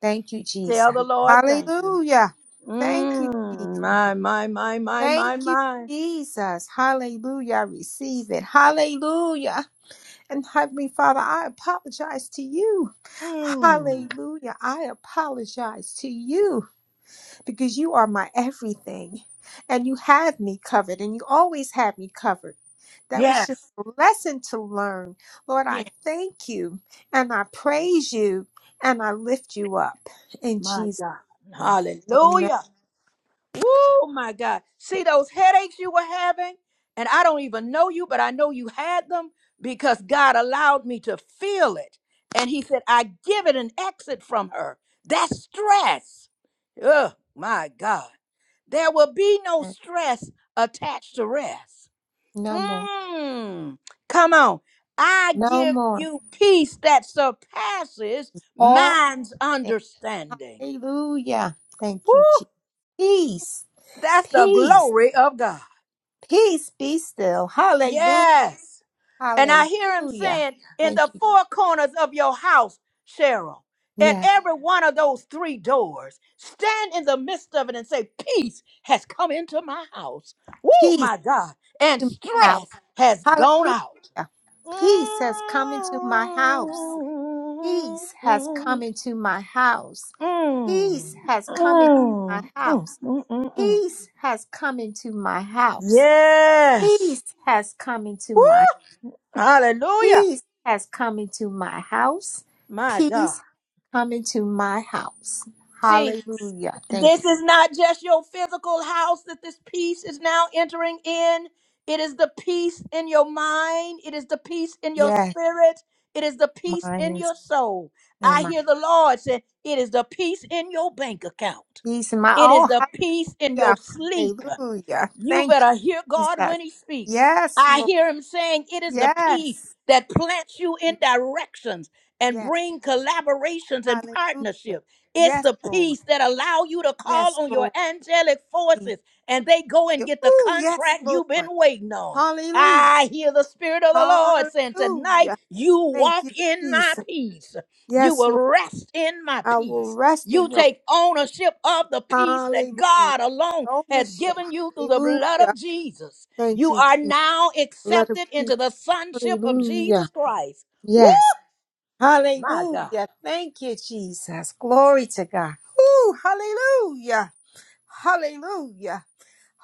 S2: Thank you, Jesus.
S1: Tell the Lord, thank you.
S2: Hallelujah. Thank you, Jesus.
S1: Mm, my, my, my, my,
S2: Thank
S1: my,
S2: you,
S1: my.
S2: Jesus. Hallelujah. I receive it. Hallelujah. And Heavenly Father, I apologize to you.
S1: Mm,
S2: Hallelujah. I apologize to you. because you are my everything and you have me covered and you always have me covered. That was just
S1: yes.
S2: a lesson to learn. Lord, I
S1: Yes.
S2: thank you and I praise you and I lift you up in
S1: My
S2: Jesus'
S1: God.
S2: name. Amen.
S1: Hallelujah. Oh my God. See those headaches you were having? And I don't even know you, but I know you had them because God allowed me to feel it. And He said, I give it an exit from her. That's stress. Oh my God. There will be no stress attached to rest.
S2: No more.
S1: Mm, come on. I
S2: No
S1: give
S2: more.
S1: you peace that surpasses
S2: It's all up
S1: man's
S2: there.
S1: understanding.
S2: Hallelujah. Thank
S1: Woo!
S2: you, Jesus. Peace.
S1: That's the
S2: Peace.
S1: glory of God.
S2: Peace be still. Hallelujah.
S1: Yes. And I hear him
S2: Hallelujah.
S1: saying, in
S2: Thank
S1: the
S2: you.
S1: four corners of your house, Cheryl, at
S2: Yes.
S1: every one of those three doors, stand in the midst of it and say, Peace has come into my house. Woo,
S2: Peace
S1: my God. And
S2: to my
S1: stress
S2: house.
S1: has gone out.
S2: Hallelujah.
S1: Mm,
S2: Peace has come into my house. Peace has come
S1: mm,
S2: into my house.
S1: mm,
S2: Peace has come into my
S1: mm,
S2: house.
S1: mm, mm, mm.
S2: Peace has come into my house.
S1: Yes.
S2: Peace has come into
S1: Woo.
S2: my
S1: Hallelujah.
S2: Peace has come into my house.
S1: My God.
S2: Peace come into my house.
S1: See,
S2: Hallelujah. Thank you.
S1: This is not just your physical house that this peace is now entering in. It is the peace in your mind. It is the peace in your
S2: Yes,
S1: spirit. It is the peace
S2: mine
S1: in
S2: and,
S1: your soul.
S2: and
S1: I
S2: my
S1: hear the Lord say, It is the peace in your bank account.
S2: peace and my
S1: It is
S2: all.
S1: the peace in
S2: Hallelujah.
S1: your sleep.
S2: Hallelujah.
S1: You
S2: Thank you,
S1: better hear God
S2: Jesus.
S1: when He speaks.
S2: Yes,
S1: I
S2: Lord.
S1: hear Him saying, It is the peace
S2: Yes.
S1: that plants you in directions and
S2: Yes.
S1: bring collaborations and
S2: Hallelujah.
S1: partnership. It's
S2: Yes,
S1: the
S2: Lord.
S1: peace that allow you to call
S2: Yes,
S1: on your
S2: Lord.
S1: angelic
S2: Jesus.
S1: forces and they go and get the
S2: Ooh, yes,
S1: contract you've been
S2: Lord.
S1: waiting on.
S2: Hallelujah.
S1: I hear the Spirit of the Lord saying, Tonight
S2: Hallelujah.
S1: you
S2: Thank you,
S1: walk in my
S2: Jesus.
S1: peace. You
S2: Yes,
S1: will
S2: Lord.
S1: rest in my
S2: I
S1: peace.
S2: will rest
S1: You
S2: in your
S1: take ownership of the peace that
S2: Hallelujah.
S1: God alone has
S2: Ownership.
S1: given you through the blood of
S2: Hallelujah.
S1: Jesus.
S2: Thank
S1: You
S2: you,
S1: are
S2: Jesus.
S1: now
S2: Blood of
S1: accepted
S2: Jesus.
S1: into the sonship of
S2: Hallelujah.
S1: Jesus Christ. Woo!
S2: Yes.
S1: My God.
S2: Hallelujah. Thank you, Jesus. Glory to God. Ooh, hallelujah. Hallelujah.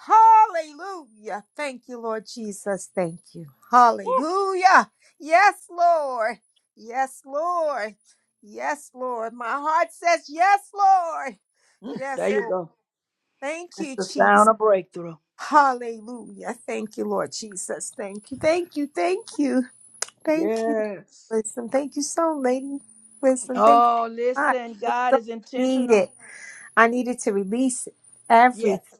S2: Hallelujah. Thank you, Lord Jesus. Thank you. Hallelujah. Yes, Lord. Yes, Lord. Yes, Lord. My heart says, Yes, Lord.
S1: There
S2: Yes,
S1: you
S2: Lord.
S1: go.
S2: Thank
S1: That's
S2: you,
S1: the
S2: Jesus.
S1: sound of breakthrough.
S2: Hallelujah. Thank you, Lord Jesus. Thank you. Thank you. Thank you. Thank you.
S1: Yes.
S2: Wisdom. Thank you so, lady. Wisdom. Thank you
S1: Oh,
S2: so much.
S1: listen,
S2: It was
S1: God
S2: so
S1: is intentional.
S2: needed. I needed to release
S1: Yes.
S2: everything.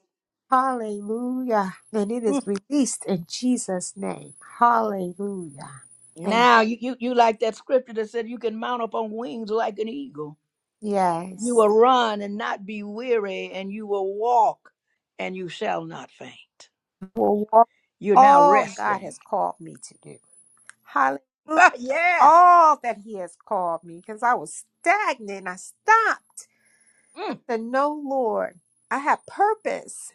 S2: Hallelujah. And it is
S1: Mm.
S2: released in Jesus' name. Hallelujah. Thank
S1: Now you, you you like that scripture that said you can mount up on wings like an eagle.
S2: you.
S1: You
S2: Yes.
S1: will run and not be weary, and you will walk and you shall not faint.
S2: We'll walk
S1: You're now
S2: all God
S1: resting.
S2: has called me to do. Hallelujah.
S1: yes.
S2: All that He has called me because I was stagnant. I stopped.
S1: Mm.
S2: said, No, Lord, I have purpose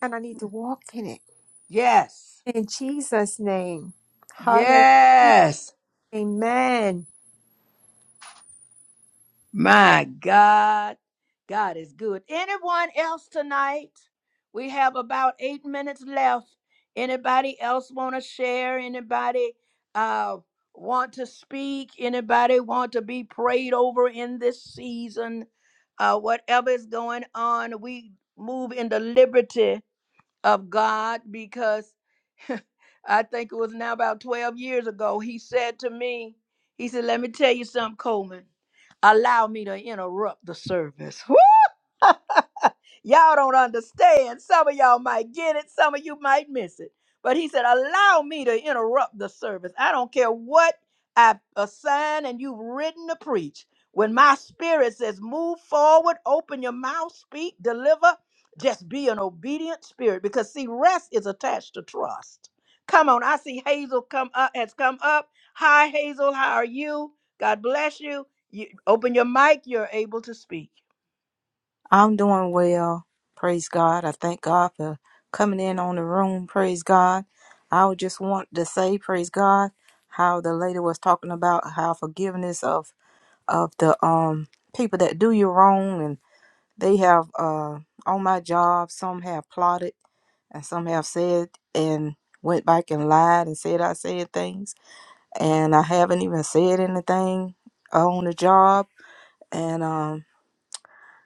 S2: and I need to walk in it.
S1: Yes.
S2: In Jesus' name. Hallelujah.
S1: Yes.
S2: Amen.
S1: My God. God is good. Anyone else tonight? We have about eight minutes left. Anybody else want to share? Anybody uh, want to speak? Anybody want to be prayed over in this season? Uh, whatever is going on, we move into liberty of God because I think it was now about 12 years ago. He said to me, He said, Let me tell you something, Coleman. Allow me to interrupt the service. y'all don't understand. Some of y'all might get it, some of you might miss it. But he said, Allow me to interrupt the service. I don't care what I've assigned and you've written to preach. When my spirit says, Move forward, open your mouth, speak, deliver, just be an obedient spirit. Because, see, rest is attached to trust. Come on, I see Hazel come up has come up. Hi, Hazel, how are you? God bless you. you open your mic, you're able to speak.
S6: I'm doing well. Praise God. I thank God for coming in on the room. Praise God. I would just want to say, praise God, how the lady was talking about how forgiveness of of the um people that do you wrong and they have uh on my job some have plotted and some have said and went back and lied and said I said things and I haven't even said anything on the job and um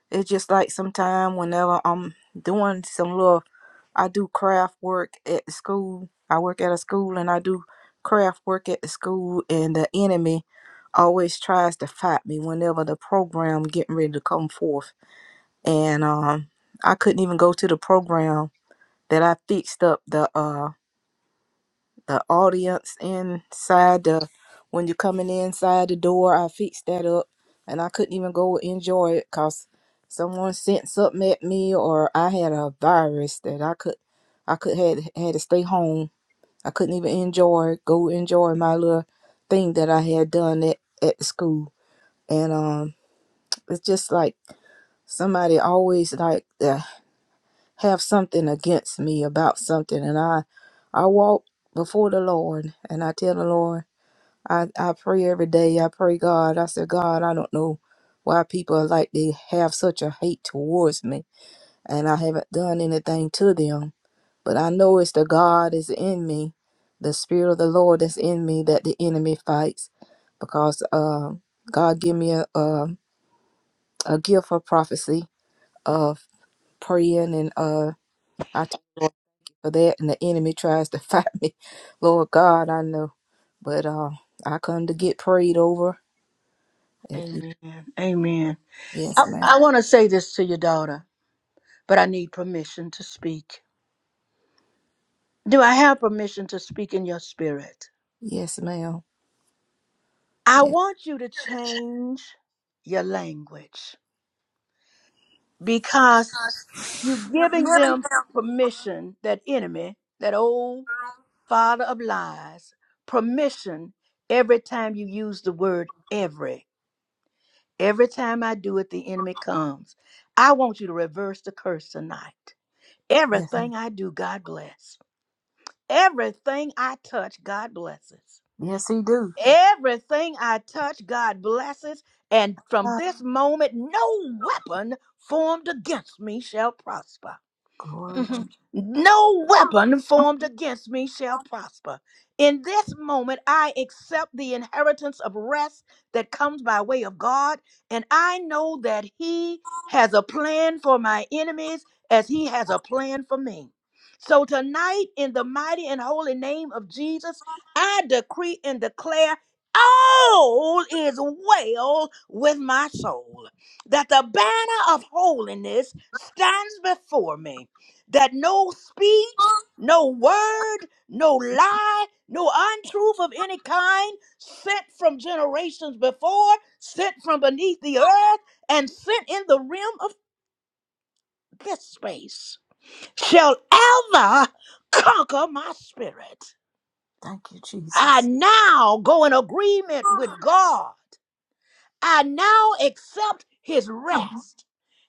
S6: it's just like sometime whenever I'm doing some little, I do craft work at the school. I work at a school and I do craft work at the school, and the enemy always tries to fight me whenever the program getting ready to come forth. And um, I couldn't even go to the program that I fixed up the uh the audience inside the when you're coming inside the door. I fixed that up, and I couldn't even go enjoy it because someone sent something at me, or I had a virus that I could I could had had to stay home. I couldn't even enjoy go enjoy my little thing that I had done at at the school, and um, it's just like somebody always like to have something against me about something, and I I walk before the Lord, and I tell the Lord. I, I pray every day. I pray, God. I said, God, I don't know why people are like they have such a hate towards me, and I haven't done anything to them. But I know it's the God is in me, the Spirit of the Lord that's in me that the enemy fights, because uh, God give me a, a a gift of prophecy of praying, and uh, I thank you for that. And the enemy tries to fight me, Lord God, I know, but uh, I come to get prayed over.
S1: Amen. Amen.
S6: Yes,
S1: I,
S6: ma'am.
S1: I want to say this to your daughter, but I need permission to speak. Do I have permission to speak in your spirit?
S6: Yes, ma'am.
S1: I
S6: Yes.
S1: want you to change your language because you're
S6: You're
S1: giving
S6: giving
S1: them
S6: them
S1: permission, that enemy, that old father of lies, permission every time you use the word every. Every time I do it, the enemy comes. I want you to reverse the curse tonight.
S6: Yes.
S1: Everything I do, God bless. Everything I touch, God blesses.
S6: Yes, he do.
S1: Everything I touch, God blesses. And from
S6: Ah,
S1: this moment, no weapon formed against me shall prosper
S6: glory,
S1: hmm
S6: Jesus.
S1: No weapon formed against me shall prosper. In this moment, I accept the inheritance of rest that comes by way of God, and I know that He has a plan for my enemies as He has a plan for me. So tonight, in the mighty and holy name of Jesus, I decree and declare. All is well with my soul, that the banner of holiness stands before me that no speech, no word, no lie, no untruth of any kind, sent from generations before, sent from beneath the earth, and sent in the realm of this space, shall ever conquer my spirit.
S6: Thank you,
S1: I
S6: Jesus.
S1: now go in agreement with God. I now accept his
S6: Mhm.
S1: rest.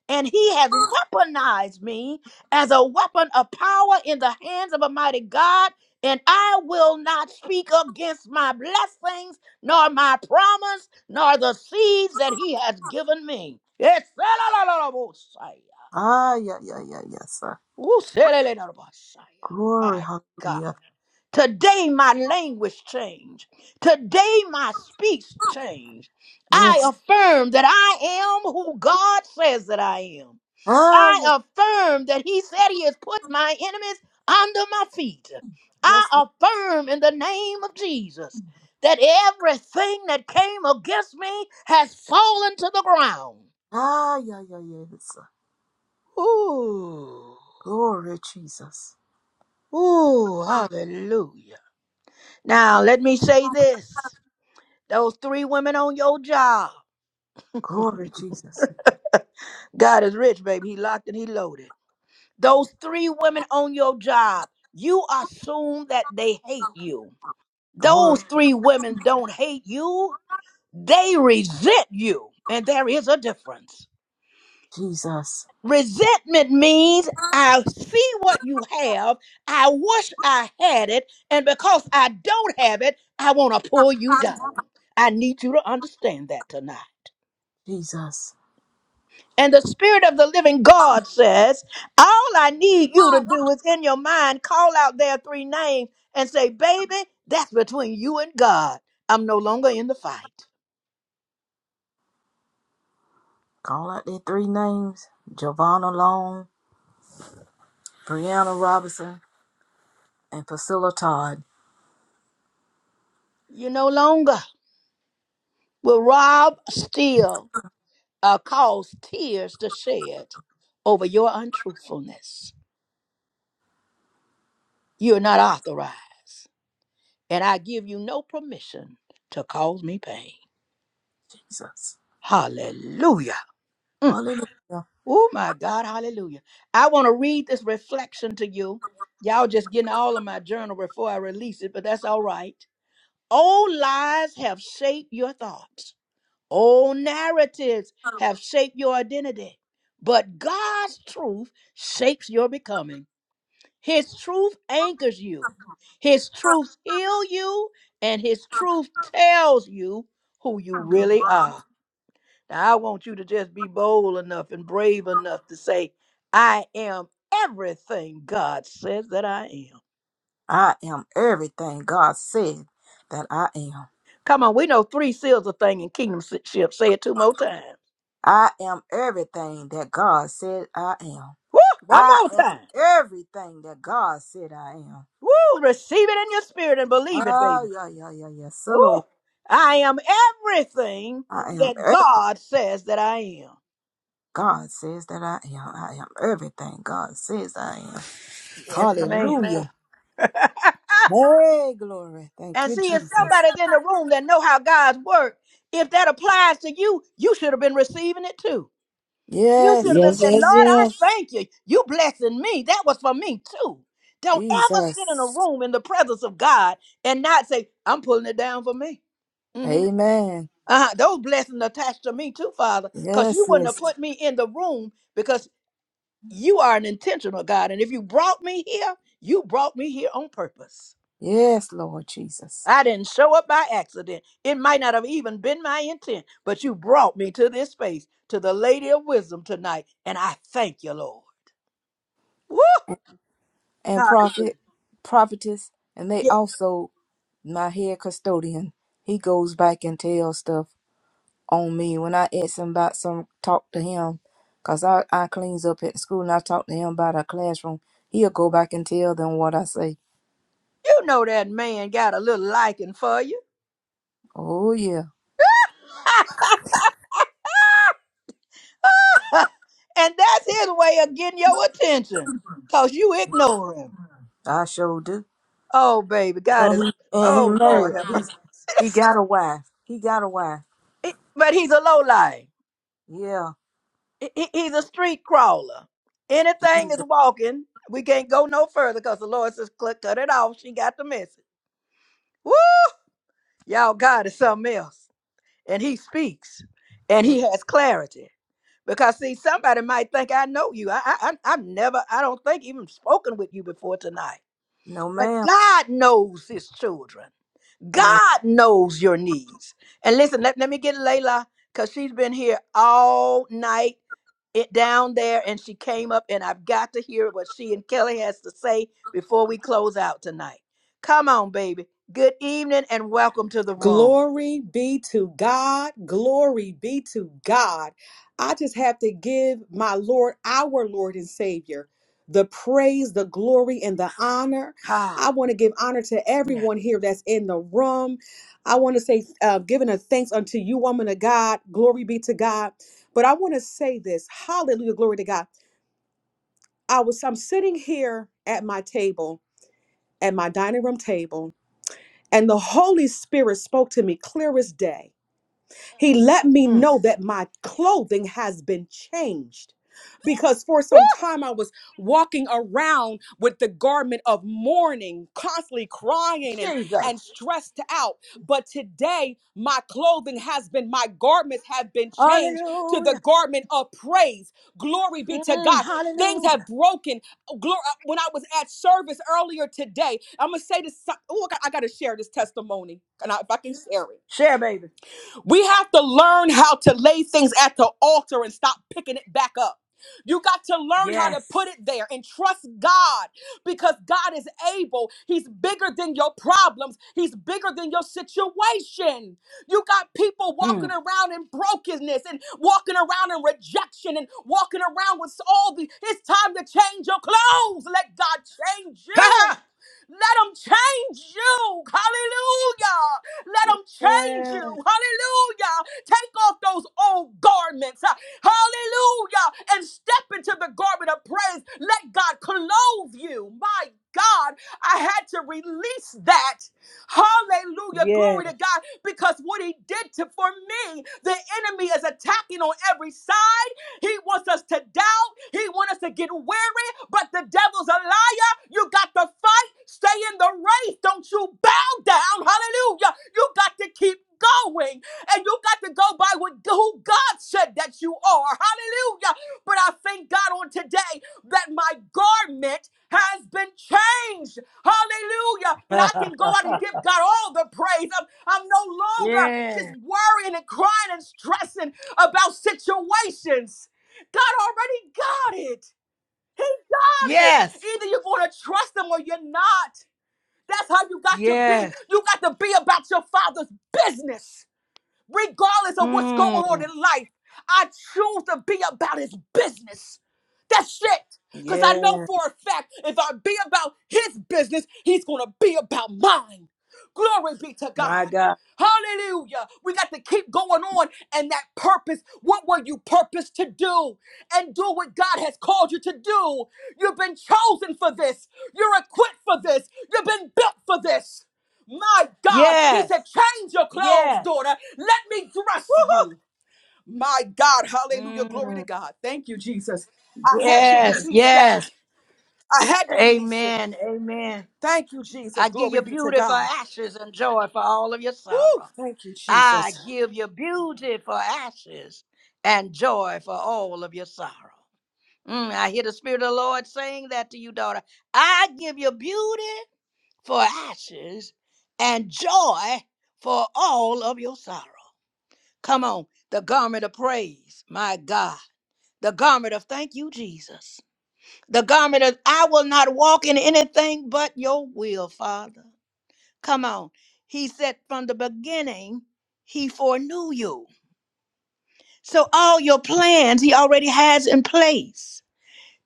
S1: And he has weaponized me as a weapon of power in the hands of a mighty God. And I will not speak against my blessings, nor my promise, nor the seeds that he has given me. It's-
S6: Ah, yeah, yeah, yeah, yes, sir. Glory,
S1: My God.
S6: hallelujah.
S1: Today my language changed. Today my speech changed. I
S6: Yes.
S1: affirm that I am who God says that I am.
S6: Ah, yeah,
S1: I affirm that He said He has put my enemies under my feet.
S6: yes,
S1: I
S6: Lord.
S1: affirm in the name of Jesus that everything that came against me has fallen to the ground.
S6: Ah, yeah, yeah, yeah, yes, sir.
S1: Ooh,
S6: Glory, Jesus.
S1: ooh,
S6: Mhm.
S1: hallelujah. Now let me say this. Those three women on your job.
S6: Glory, Jesus.
S1: God is rich, baby. He locked and he loaded. Those three women on your job, you assume that they hate
S6: Mhm.
S1: you.
S6: Glory,
S1: Those three women don't hate you, they resent you. And there is a difference.
S6: Jesus.
S1: Resentment means I see what you have, I wish I had it, and because I don't have it, I want to pull you
S6: Mhm.
S1: down. I need you to understand that tonight.
S6: Jesus.
S1: And the Spirit of the living God says, All I need you to
S6: Mhm.
S1: do is in your mind call out their three names and say, Baby, that's between you and God. I'm no longer in the fight.
S6: Call out their three names Giovanna Long, Brianna Robinson, and Priscilla Todd.
S1: You no longer will rob, steal, or cause tears to shed over your untruthfulness. You're not authorized. And I give you no permission to cause me pain.
S6: Jesus.
S1: Hallelujah. Mm.
S6: Hallelujah.
S1: Oh my God, hallelujah. I want to read this reflection to you. Y'all just getting all of my journal before I release it, but that's all right. Old lies have shaped your thoughts. Old narratives have shaped your identity. But God's truth shapes your becoming. His truth anchors you. His truth heals you and his truth tells you who you really are. Now, I want you to just be bold enough and brave enough to say, I am everything God says that I am.
S6: I am everything God said that I am.
S1: Come on, we know three seals a thing in kingdomship. Say it two more times.
S6: I am everything that God said I am.
S1: Woo, one
S6: I
S1: more
S6: am
S1: time.
S6: everything that God said I am.
S1: Woo, receive it in your spirit and believe it, baby.
S6: Oh, yeah, yeah, yeah, yeah. So,
S1: Woo,
S6: Lord,
S1: I am everything
S6: I am
S1: that
S6: everything
S1: God says that I am.
S6: God says that I am. I am everything God says I am.
S1: Yes, ma'am.
S6: Hallelujah. Hey, glory. Thank
S1: and
S6: you,
S1: see, if
S6: Jesus.
S1: somebody's in the room that know how God's work, if that applies to you, you should have been receiving it too. You should
S6: Yes,
S1: have been
S3: Yes,
S6: yes.
S1: saying, Lord,
S3: yes,
S1: I
S3: yes.
S1: thank you. You blessing me. That was for me too. Don't ever sit in a
S6: Jesus.
S1: room in the presence of God and not say, I'm pulling it down for me. Mhm.
S6: Amen.
S1: Uh-huh. Those blessings attached to me too, Father, because you
S6: Yes,
S1: wouldn't have
S6: yes.
S1: put me in the room because you are an intentional God. And if you brought me here, you brought me here on purpose.
S6: Yes, Lord Jesus.
S1: I didn't show up by accident. It might not have even been my intent, but you brought me to this space, to the Lady of Wisdom tonight. And I thank you, Lord. Woo!
S6: And, prophet,
S1: Hallelujah.
S6: prophetess, and they
S1: Yeah,
S6: also, my head custodian, he goes back and tells stuff on me. When I ask him about some, talk to him, because I, I cleans up at school and I talk to him about our classroom, he'll go back and tell them what I say.
S1: you know that man got a little liking for you.
S6: Oh, yeah,
S1: and that's his way of getting your attention because you ignore him.
S6: I sure do.
S1: Oh, baby, God
S6: And
S1: is,
S6: he, and he
S1: oh, Lord
S6: married.
S1: have
S6: He's,
S1: mercy.
S6: he got a wife. He got a wife.
S1: It- But he's a lowlife.
S6: Yeah.
S1: He- he- He's a street crawler. Anything is walking. We can't go no further because the Lord says, "Cut cut it off. She got the message. Woo! Y'all, God is something else. And he speaks and
S6: yeah.
S1: he has clarity. Because see, somebody might think I know you. I, I I- I've never, I don't think even spoken with you before tonight.
S6: No,
S1: But
S6: ma'am.
S1: God knows His children.
S6: Yeah.
S1: God knows your needs. And listen, let, let me get Layla because she's been here all night it down there, and she came up, and I've got to hear what she and Kelly has to say before we close out tonight. Come on, baby. Good evening, and welcome to the room.
S7: Glory be to God. Glory be to God. I just have to give my Lord, our Lord and Savior, the praise, the glory, and the honor.
S1: Ah,
S7: I want to give honor to
S1: yeah.
S7: everyone here that's in the room. I want to say, uh, giving a thanks unto you, woman of God. Glory be to God. But I want to say this. Hallelujah. Glory to God. I was, I'm sitting here at my table, at my dining room table, and the Holy Spirit spoke to me clear as day he let me
S1: Mm.
S7: know that my clothing has been changed. Because for some time I was walking around with the garment of mourning, constantly crying and,
S1: Jesus.
S7: and stressed out. But today my clothing has been, my garments have been changed to the
S1: Hallelujah.
S7: garment of praise. Glory be to
S1: Mm,
S7: God. Things
S1: hallelujah.
S7: have broken glory when I was at service earlier today. I'm gonna say this. Oh, I got to share this testimony, and I, if I can share it.
S1: Share, baby.
S7: We have to learn how to lay things at the altar and stop picking it back up. You got to learn how to
S1: Yes.
S7: put it there and trust God because God is able. He's bigger than your problems, He's bigger than your situation. You got people walking
S1: Mm.
S7: around in brokenness and walking around in rejection and walking around with all the. It's time to change your clothes. Let God change you. Let him change you. Hallelujah. Let them change you. Hallelujah. Take off those old garments. uh, Hallelujah. And step into the garment of praise. Let God clothe you. My God, I had to release that.
S1: Yes.
S7: Hallelujah. Glory to
S1: Yes.
S7: God. Because what he did to for me, the enemy is attacking on every side. He wants us to doubt. He wants us to get weary, but the devil's a liar. You got to fight. Stay in the race. Don't you back down. Hallelujah. You got to keep going and you got to go by what who God said that you are. Hallelujah. But I thank God on today that my garment has been changed. Hallelujah. That I can go out and give God all the praise. I'm, I'm no longer just
S1: Yes.
S7: worrying and crying and stressing about situations. God already got it. He got it.
S1: yes.
S7: Either you're going to trust him or you're not. That's how you got to be.
S1: Yes.
S7: You got to be about your father's business regardless of what's going on
S1: Mm.
S7: in life. I choose to be about his business. That's it. Because I know
S1: Yes.
S7: for a fact if I be about his business, he's going to be about mine. Glory be to
S1: My
S7: God.
S1: God.
S7: Hallelujah. We got to keep going on and that purpose. What were you purposed to do? And do what God has called you to do. You've been chosen for this. You're equipped for this. You've been built for this. My God, he
S1: Yes.
S7: said, change your clothes,
S1: Yes.
S7: daughter. Let me dress you.
S1: Woo-hoo.
S7: My God, hallelujah, glory to
S1: Mm.
S7: God. Thank you, Jesus. I had to
S1: Yes.
S7: release
S1: Yes.
S7: that. I had to release it.
S1: Amen. Amen.
S7: Thank you,
S1: I
S7: Jesus.
S1: give you
S7: Glory be to
S1: beauty for
S7: God.
S1: ashes and joy for all of your
S7: Woo,
S1: sorrow.
S7: thank you,
S1: I
S7: Jesus.
S1: give you beauty for ashes and joy for all of your sorrow. Mm, I hear the Spirit of the Lord saying that to you, daughter. I give you beauty for ashes and joy for all of your sorrow. Come on, the garment of praise, my God. The garment of thank you, Jesus. The garment of I will not walk in anything but your will, Father. Come on. He said from the beginning, He foreknew you. So all your plans He already has in place.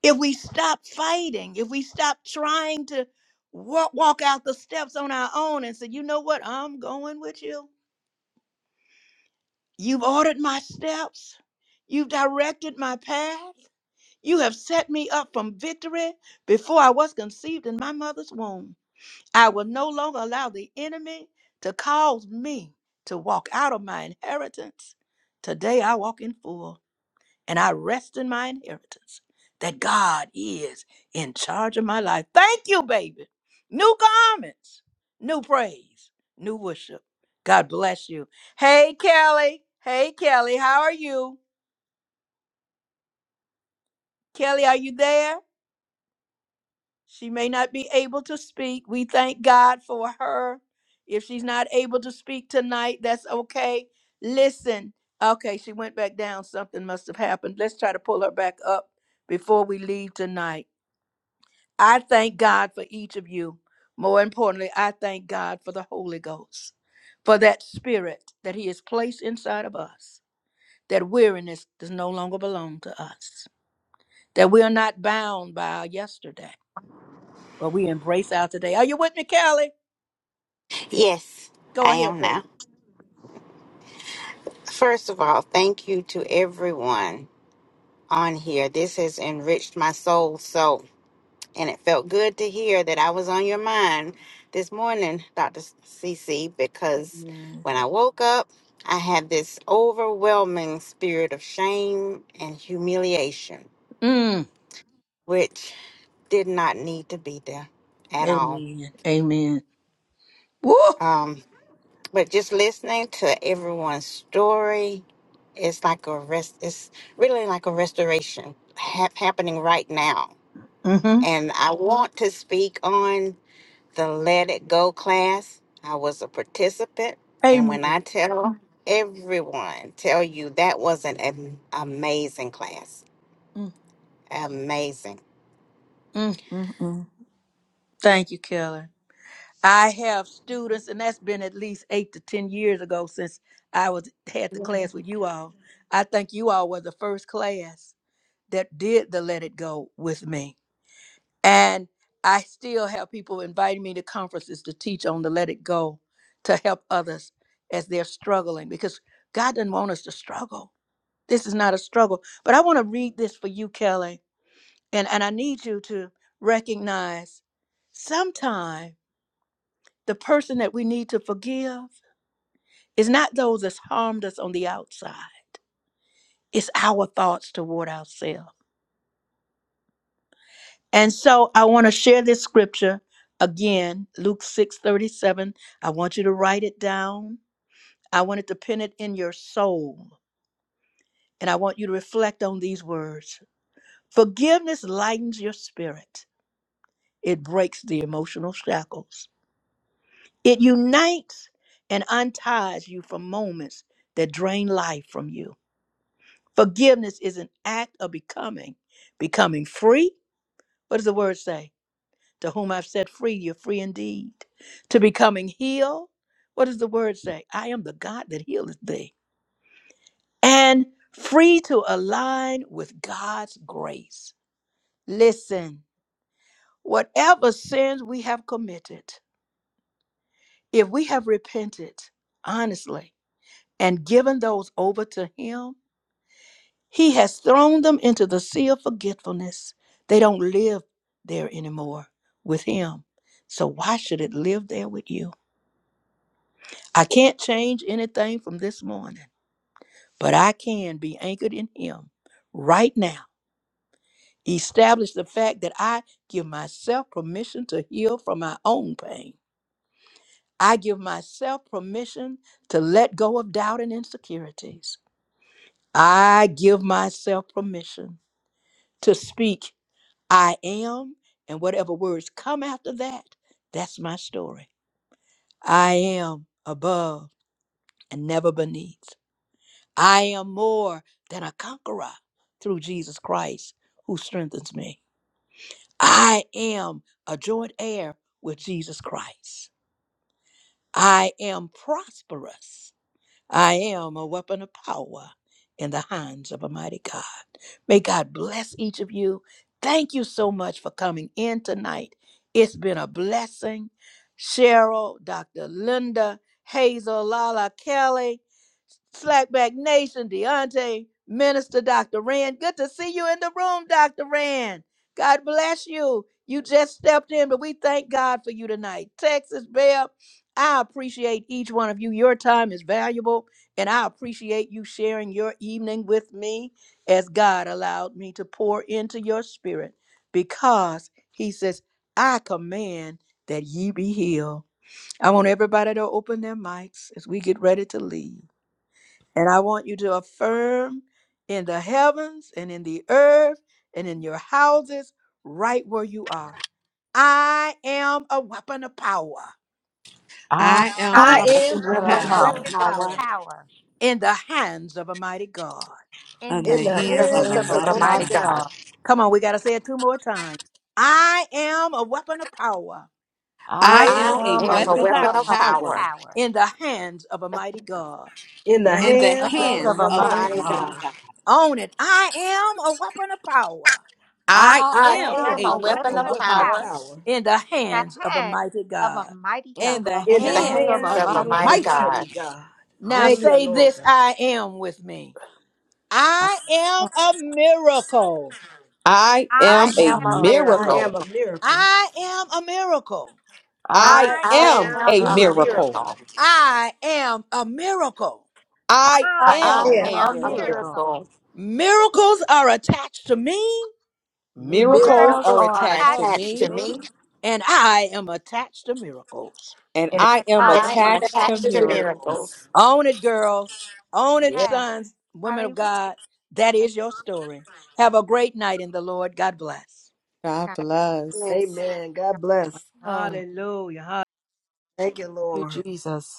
S1: if we stop fighting, if we stop trying to walk, walk out the steps on our own and say, you know what, I'm going with you. You've ordered my steps, you've directed my path, you have set me up from victory before I was conceived in my mother's womb. I will no longer allow the enemy to cause me to walk out of my inheritance. Today I walk in full and I rest in my inheritance that God is in charge of my life. Thank you, baby. New garments, new praise, new worship. God bless you. Hey, Kelly. Hey, Kelly. How are you? Kelly, are you there? She may not be able to speak. We thank God for her. If she's not able to speak tonight, that's okay. Listen. Okay, she went back down. Something must have happened. Let's try to pull her back up before we leave tonight. I thank God for each of you. More importantly, I thank God for the Holy Ghost, for that spirit that He has placed inside of us, that weariness does no longer belong to us, that we are not bound by our yesterday, but we embrace our today. Are you with me, Kelly?
S8: Yes,
S1: Go
S8: I
S1: ahead,
S8: am now.
S1: baby.
S8: First of all, thank you to everyone on here. This has enriched my soul so, and it felt good to hear that I was on your mind this morning, Dr. CC, because
S1: Amen.
S8: when I woke up, I had this overwhelming spirit of shame and humiliation,
S1: Mm.
S8: which did not need to be there at all.
S1: Amen. Amen. Woo.
S8: Um, But just listening to everyone's story, it's like a rest. It's really like a restoration hap happening right now.
S1: Mm-hmm.
S8: And I want to speak on the Let It Go class. I was a participant, and when
S1: Amen.
S8: I tell everyone, tell you that was an am- amazing class.
S1: Mm,
S8: Amazing.
S1: mm, mm, mm. Thank you, Kelly. I have students, and that's been at least eight to ten years ago since I was had the class with you all. I think you all were the first class that did the Let It Go with me, and I still have people inviting me to conferences to teach on the Let It Go to help others as they're struggling because God doesn't want us to struggle. This is not a struggle, but I want to read this for you, Kelly, and and I need you to recognize sometimes. The person that we need to forgive is not those that's harmed us on the outside, it's our thoughts toward ourselves. And so I want to share this scripture again, Luke 6 37. I want you to write it down. I want it to pin it in your soul. And I want you to reflect on these words. Forgiveness lightens your spirit. It breaks the emotional shackles. It unites and unties you from moments that drain life from you. Forgiveness is an act of becoming, becoming free. What does the word say? To whom I've set free, you're free indeed. To becoming healed. What does the word say? I am the God that healeth thee. And free to align with God's grace. Listen, whatever sins we have committed, if we have repented honestly and given those over to Him, He has thrown them into the sea of forgetfulness. They don't live there anymore with Him. So why should it live there with you? I can't change anything from this morning, but I can be anchored in Him right now. Establish the fact that I give myself permission to heal from my own pain. I give myself permission to let go of doubt and insecurities. I give myself permission to speak I am, and whatever words come after that, that's my story. I am above and never beneath. I am more than a conqueror through Jesus Christ who strengthens me. I am a joint heir with Jesus Christ. I am prosperous I am a weapon of power in the hands of a mighty God. May God bless each of you. Thank you so much for coming in tonight. It's been a blessing. Cheryl, Dr. Linda, Hazel, Lala, Kelly, Slackback Nation, Deontay, Minister Dr. Rand. Good to see you in the room, Dr. Rand. God bless you. You just stepped in, but we thank God for you tonight. Texas Bear. I appreciate each one of you. Your time is valuable, and I appreciate you sharing your evening with me as God allowed me to pour into your spirit because He says, I command that ye be healed. I want everybody to open their mics as we get ready to leave. And I want you to affirm in the heavens and in the earth and in your houses, right where you are. I am a weapon of power.
S3: I
S2: I am
S3: am a
S2: a
S8: Weapon of
S7: power
S3: weapon
S2: weapon
S3: of
S2: of
S3: power
S8: power,
S2: power
S1: in the hands of a mighty God.
S2: in
S7: in
S2: the
S3: in
S7: the
S3: the
S8: in
S2: name.
S7: hands of
S8: the
S3: hands
S7: a
S3: of
S8: hands
S3: a
S8: of the
S7: mighty
S3: mighty
S6: Mighty
S8: mighty
S7: God.
S3: God.
S8: God.
S6: God.
S1: Come on, we got to say it two more times. I am a weapon of power
S3: I
S6: I
S2: I'm
S7: I am
S3: am
S8: I
S3: a
S7: a
S6: am a
S8: am
S3: weapon
S8: a
S3: of
S7: weapon
S6: weapon
S7: of
S2: a
S8: weapon
S6: of
S3: power
S8: of
S2: weapon of
S7: power
S8: power.
S2: power.
S1: in the hands of a mighty God.
S3: in
S6: in
S3: the
S2: In
S7: in
S6: the
S7: the
S8: The
S3: hands of
S6: hands
S3: a
S7: hands
S6: of a
S7: of
S6: mighty
S3: mighty
S8: God.
S6: God.
S7: mighty
S3: God.
S2: the,
S7: God.
S1: Own it. I am a weapon of power
S2: I
S7: I
S6: I
S8: I
S3: I
S7: am
S2: am
S6: am
S3: am
S8: am a
S7: a
S6: a
S2: a weapon
S8: weapon
S3: a
S7: weapon
S6: weapon
S8: of
S2: of
S7: of
S6: of
S3: weapon
S6: power
S7: power
S3: of
S8: power
S2: power
S3: power
S1: in the
S2: in the
S1: hands of a
S2: hand
S1: mighty
S2: of a
S1: God.
S2: mighty God.
S6: in
S7: in the
S6: the
S3: in
S8: in
S3: the
S8: the
S6: hands
S7: hands
S6: of a
S8: hands
S7: of
S3: hands
S8: of a
S7: a
S3: of
S6: mighty
S3: a
S6: God.
S8: mighty
S7: mighty God.
S3: mighty
S8: God.
S3: God.
S1: Now
S3: Thank
S6: Hallelujah.
S3: you,
S1: say
S3: Lord
S1: this
S3: God.
S1: I am with me.
S6: I
S1: I am a miracle.
S7: I
S2: I
S7: am
S8: I
S7: a
S6: am
S8: am
S2: am
S8: a
S6: a
S2: a
S3: I
S6: miracle.
S7: miracle.
S3: am
S8: miracle.
S3: a miracle.
S1: I am a miracle.
S6: I
S7: I
S3: I
S2: I
S6: am
S2: am
S8: I
S7: am
S3: am
S2: a
S6: a
S8: am
S7: a
S3: a
S8: a
S6: miracle.
S2: miracle.
S7: miracle.
S3: miracle.
S8: miracle.
S1: I am a miracle.
S7: I
S3: I
S6: I
S2: I
S6: am
S8: I
S7: am
S3: am
S7: a
S6: a
S8: am a
S7: miracle.
S6: miracle.
S2: miracle.
S8: miracle.
S1: Miracles are attached to me,
S3: miracle.
S7: Miracles
S2: Miracles
S6: Miracles
S7: are
S8: Miracles
S6: are
S8: are
S7: attached
S6: attached
S7: to
S2: attached to me
S8: attached to
S6: to
S7: me,
S6: me,
S8: me.
S1: and I am attached to miracles.
S7: and
S6: and
S3: And
S7: I
S2: and
S7: am
S3: I
S2: I
S6: I
S8: I
S6: am
S8: am
S3: am
S7: attached
S6: attached
S7: to
S2: attached.
S3: a
S6: to
S8: attached to
S6: miracles.
S3: miracle.
S7: miracles.
S8: miracles.
S1: Own it, girls. Own it,
S3: Yeah.
S2: Yes.
S1: sons, women of
S2: Hallelujah.
S1: God. That
S2: Thank you,
S1: is your story. Have a great night in the Lord. God bless.
S2: God. Thank
S8: Yes.
S3: Amen.
S2: you,
S3: God
S2: God.
S3: bless.
S6: Thank
S1: Hallelujah.
S3: Thank you,
S6: you,
S3: Lord.
S6: Jesus.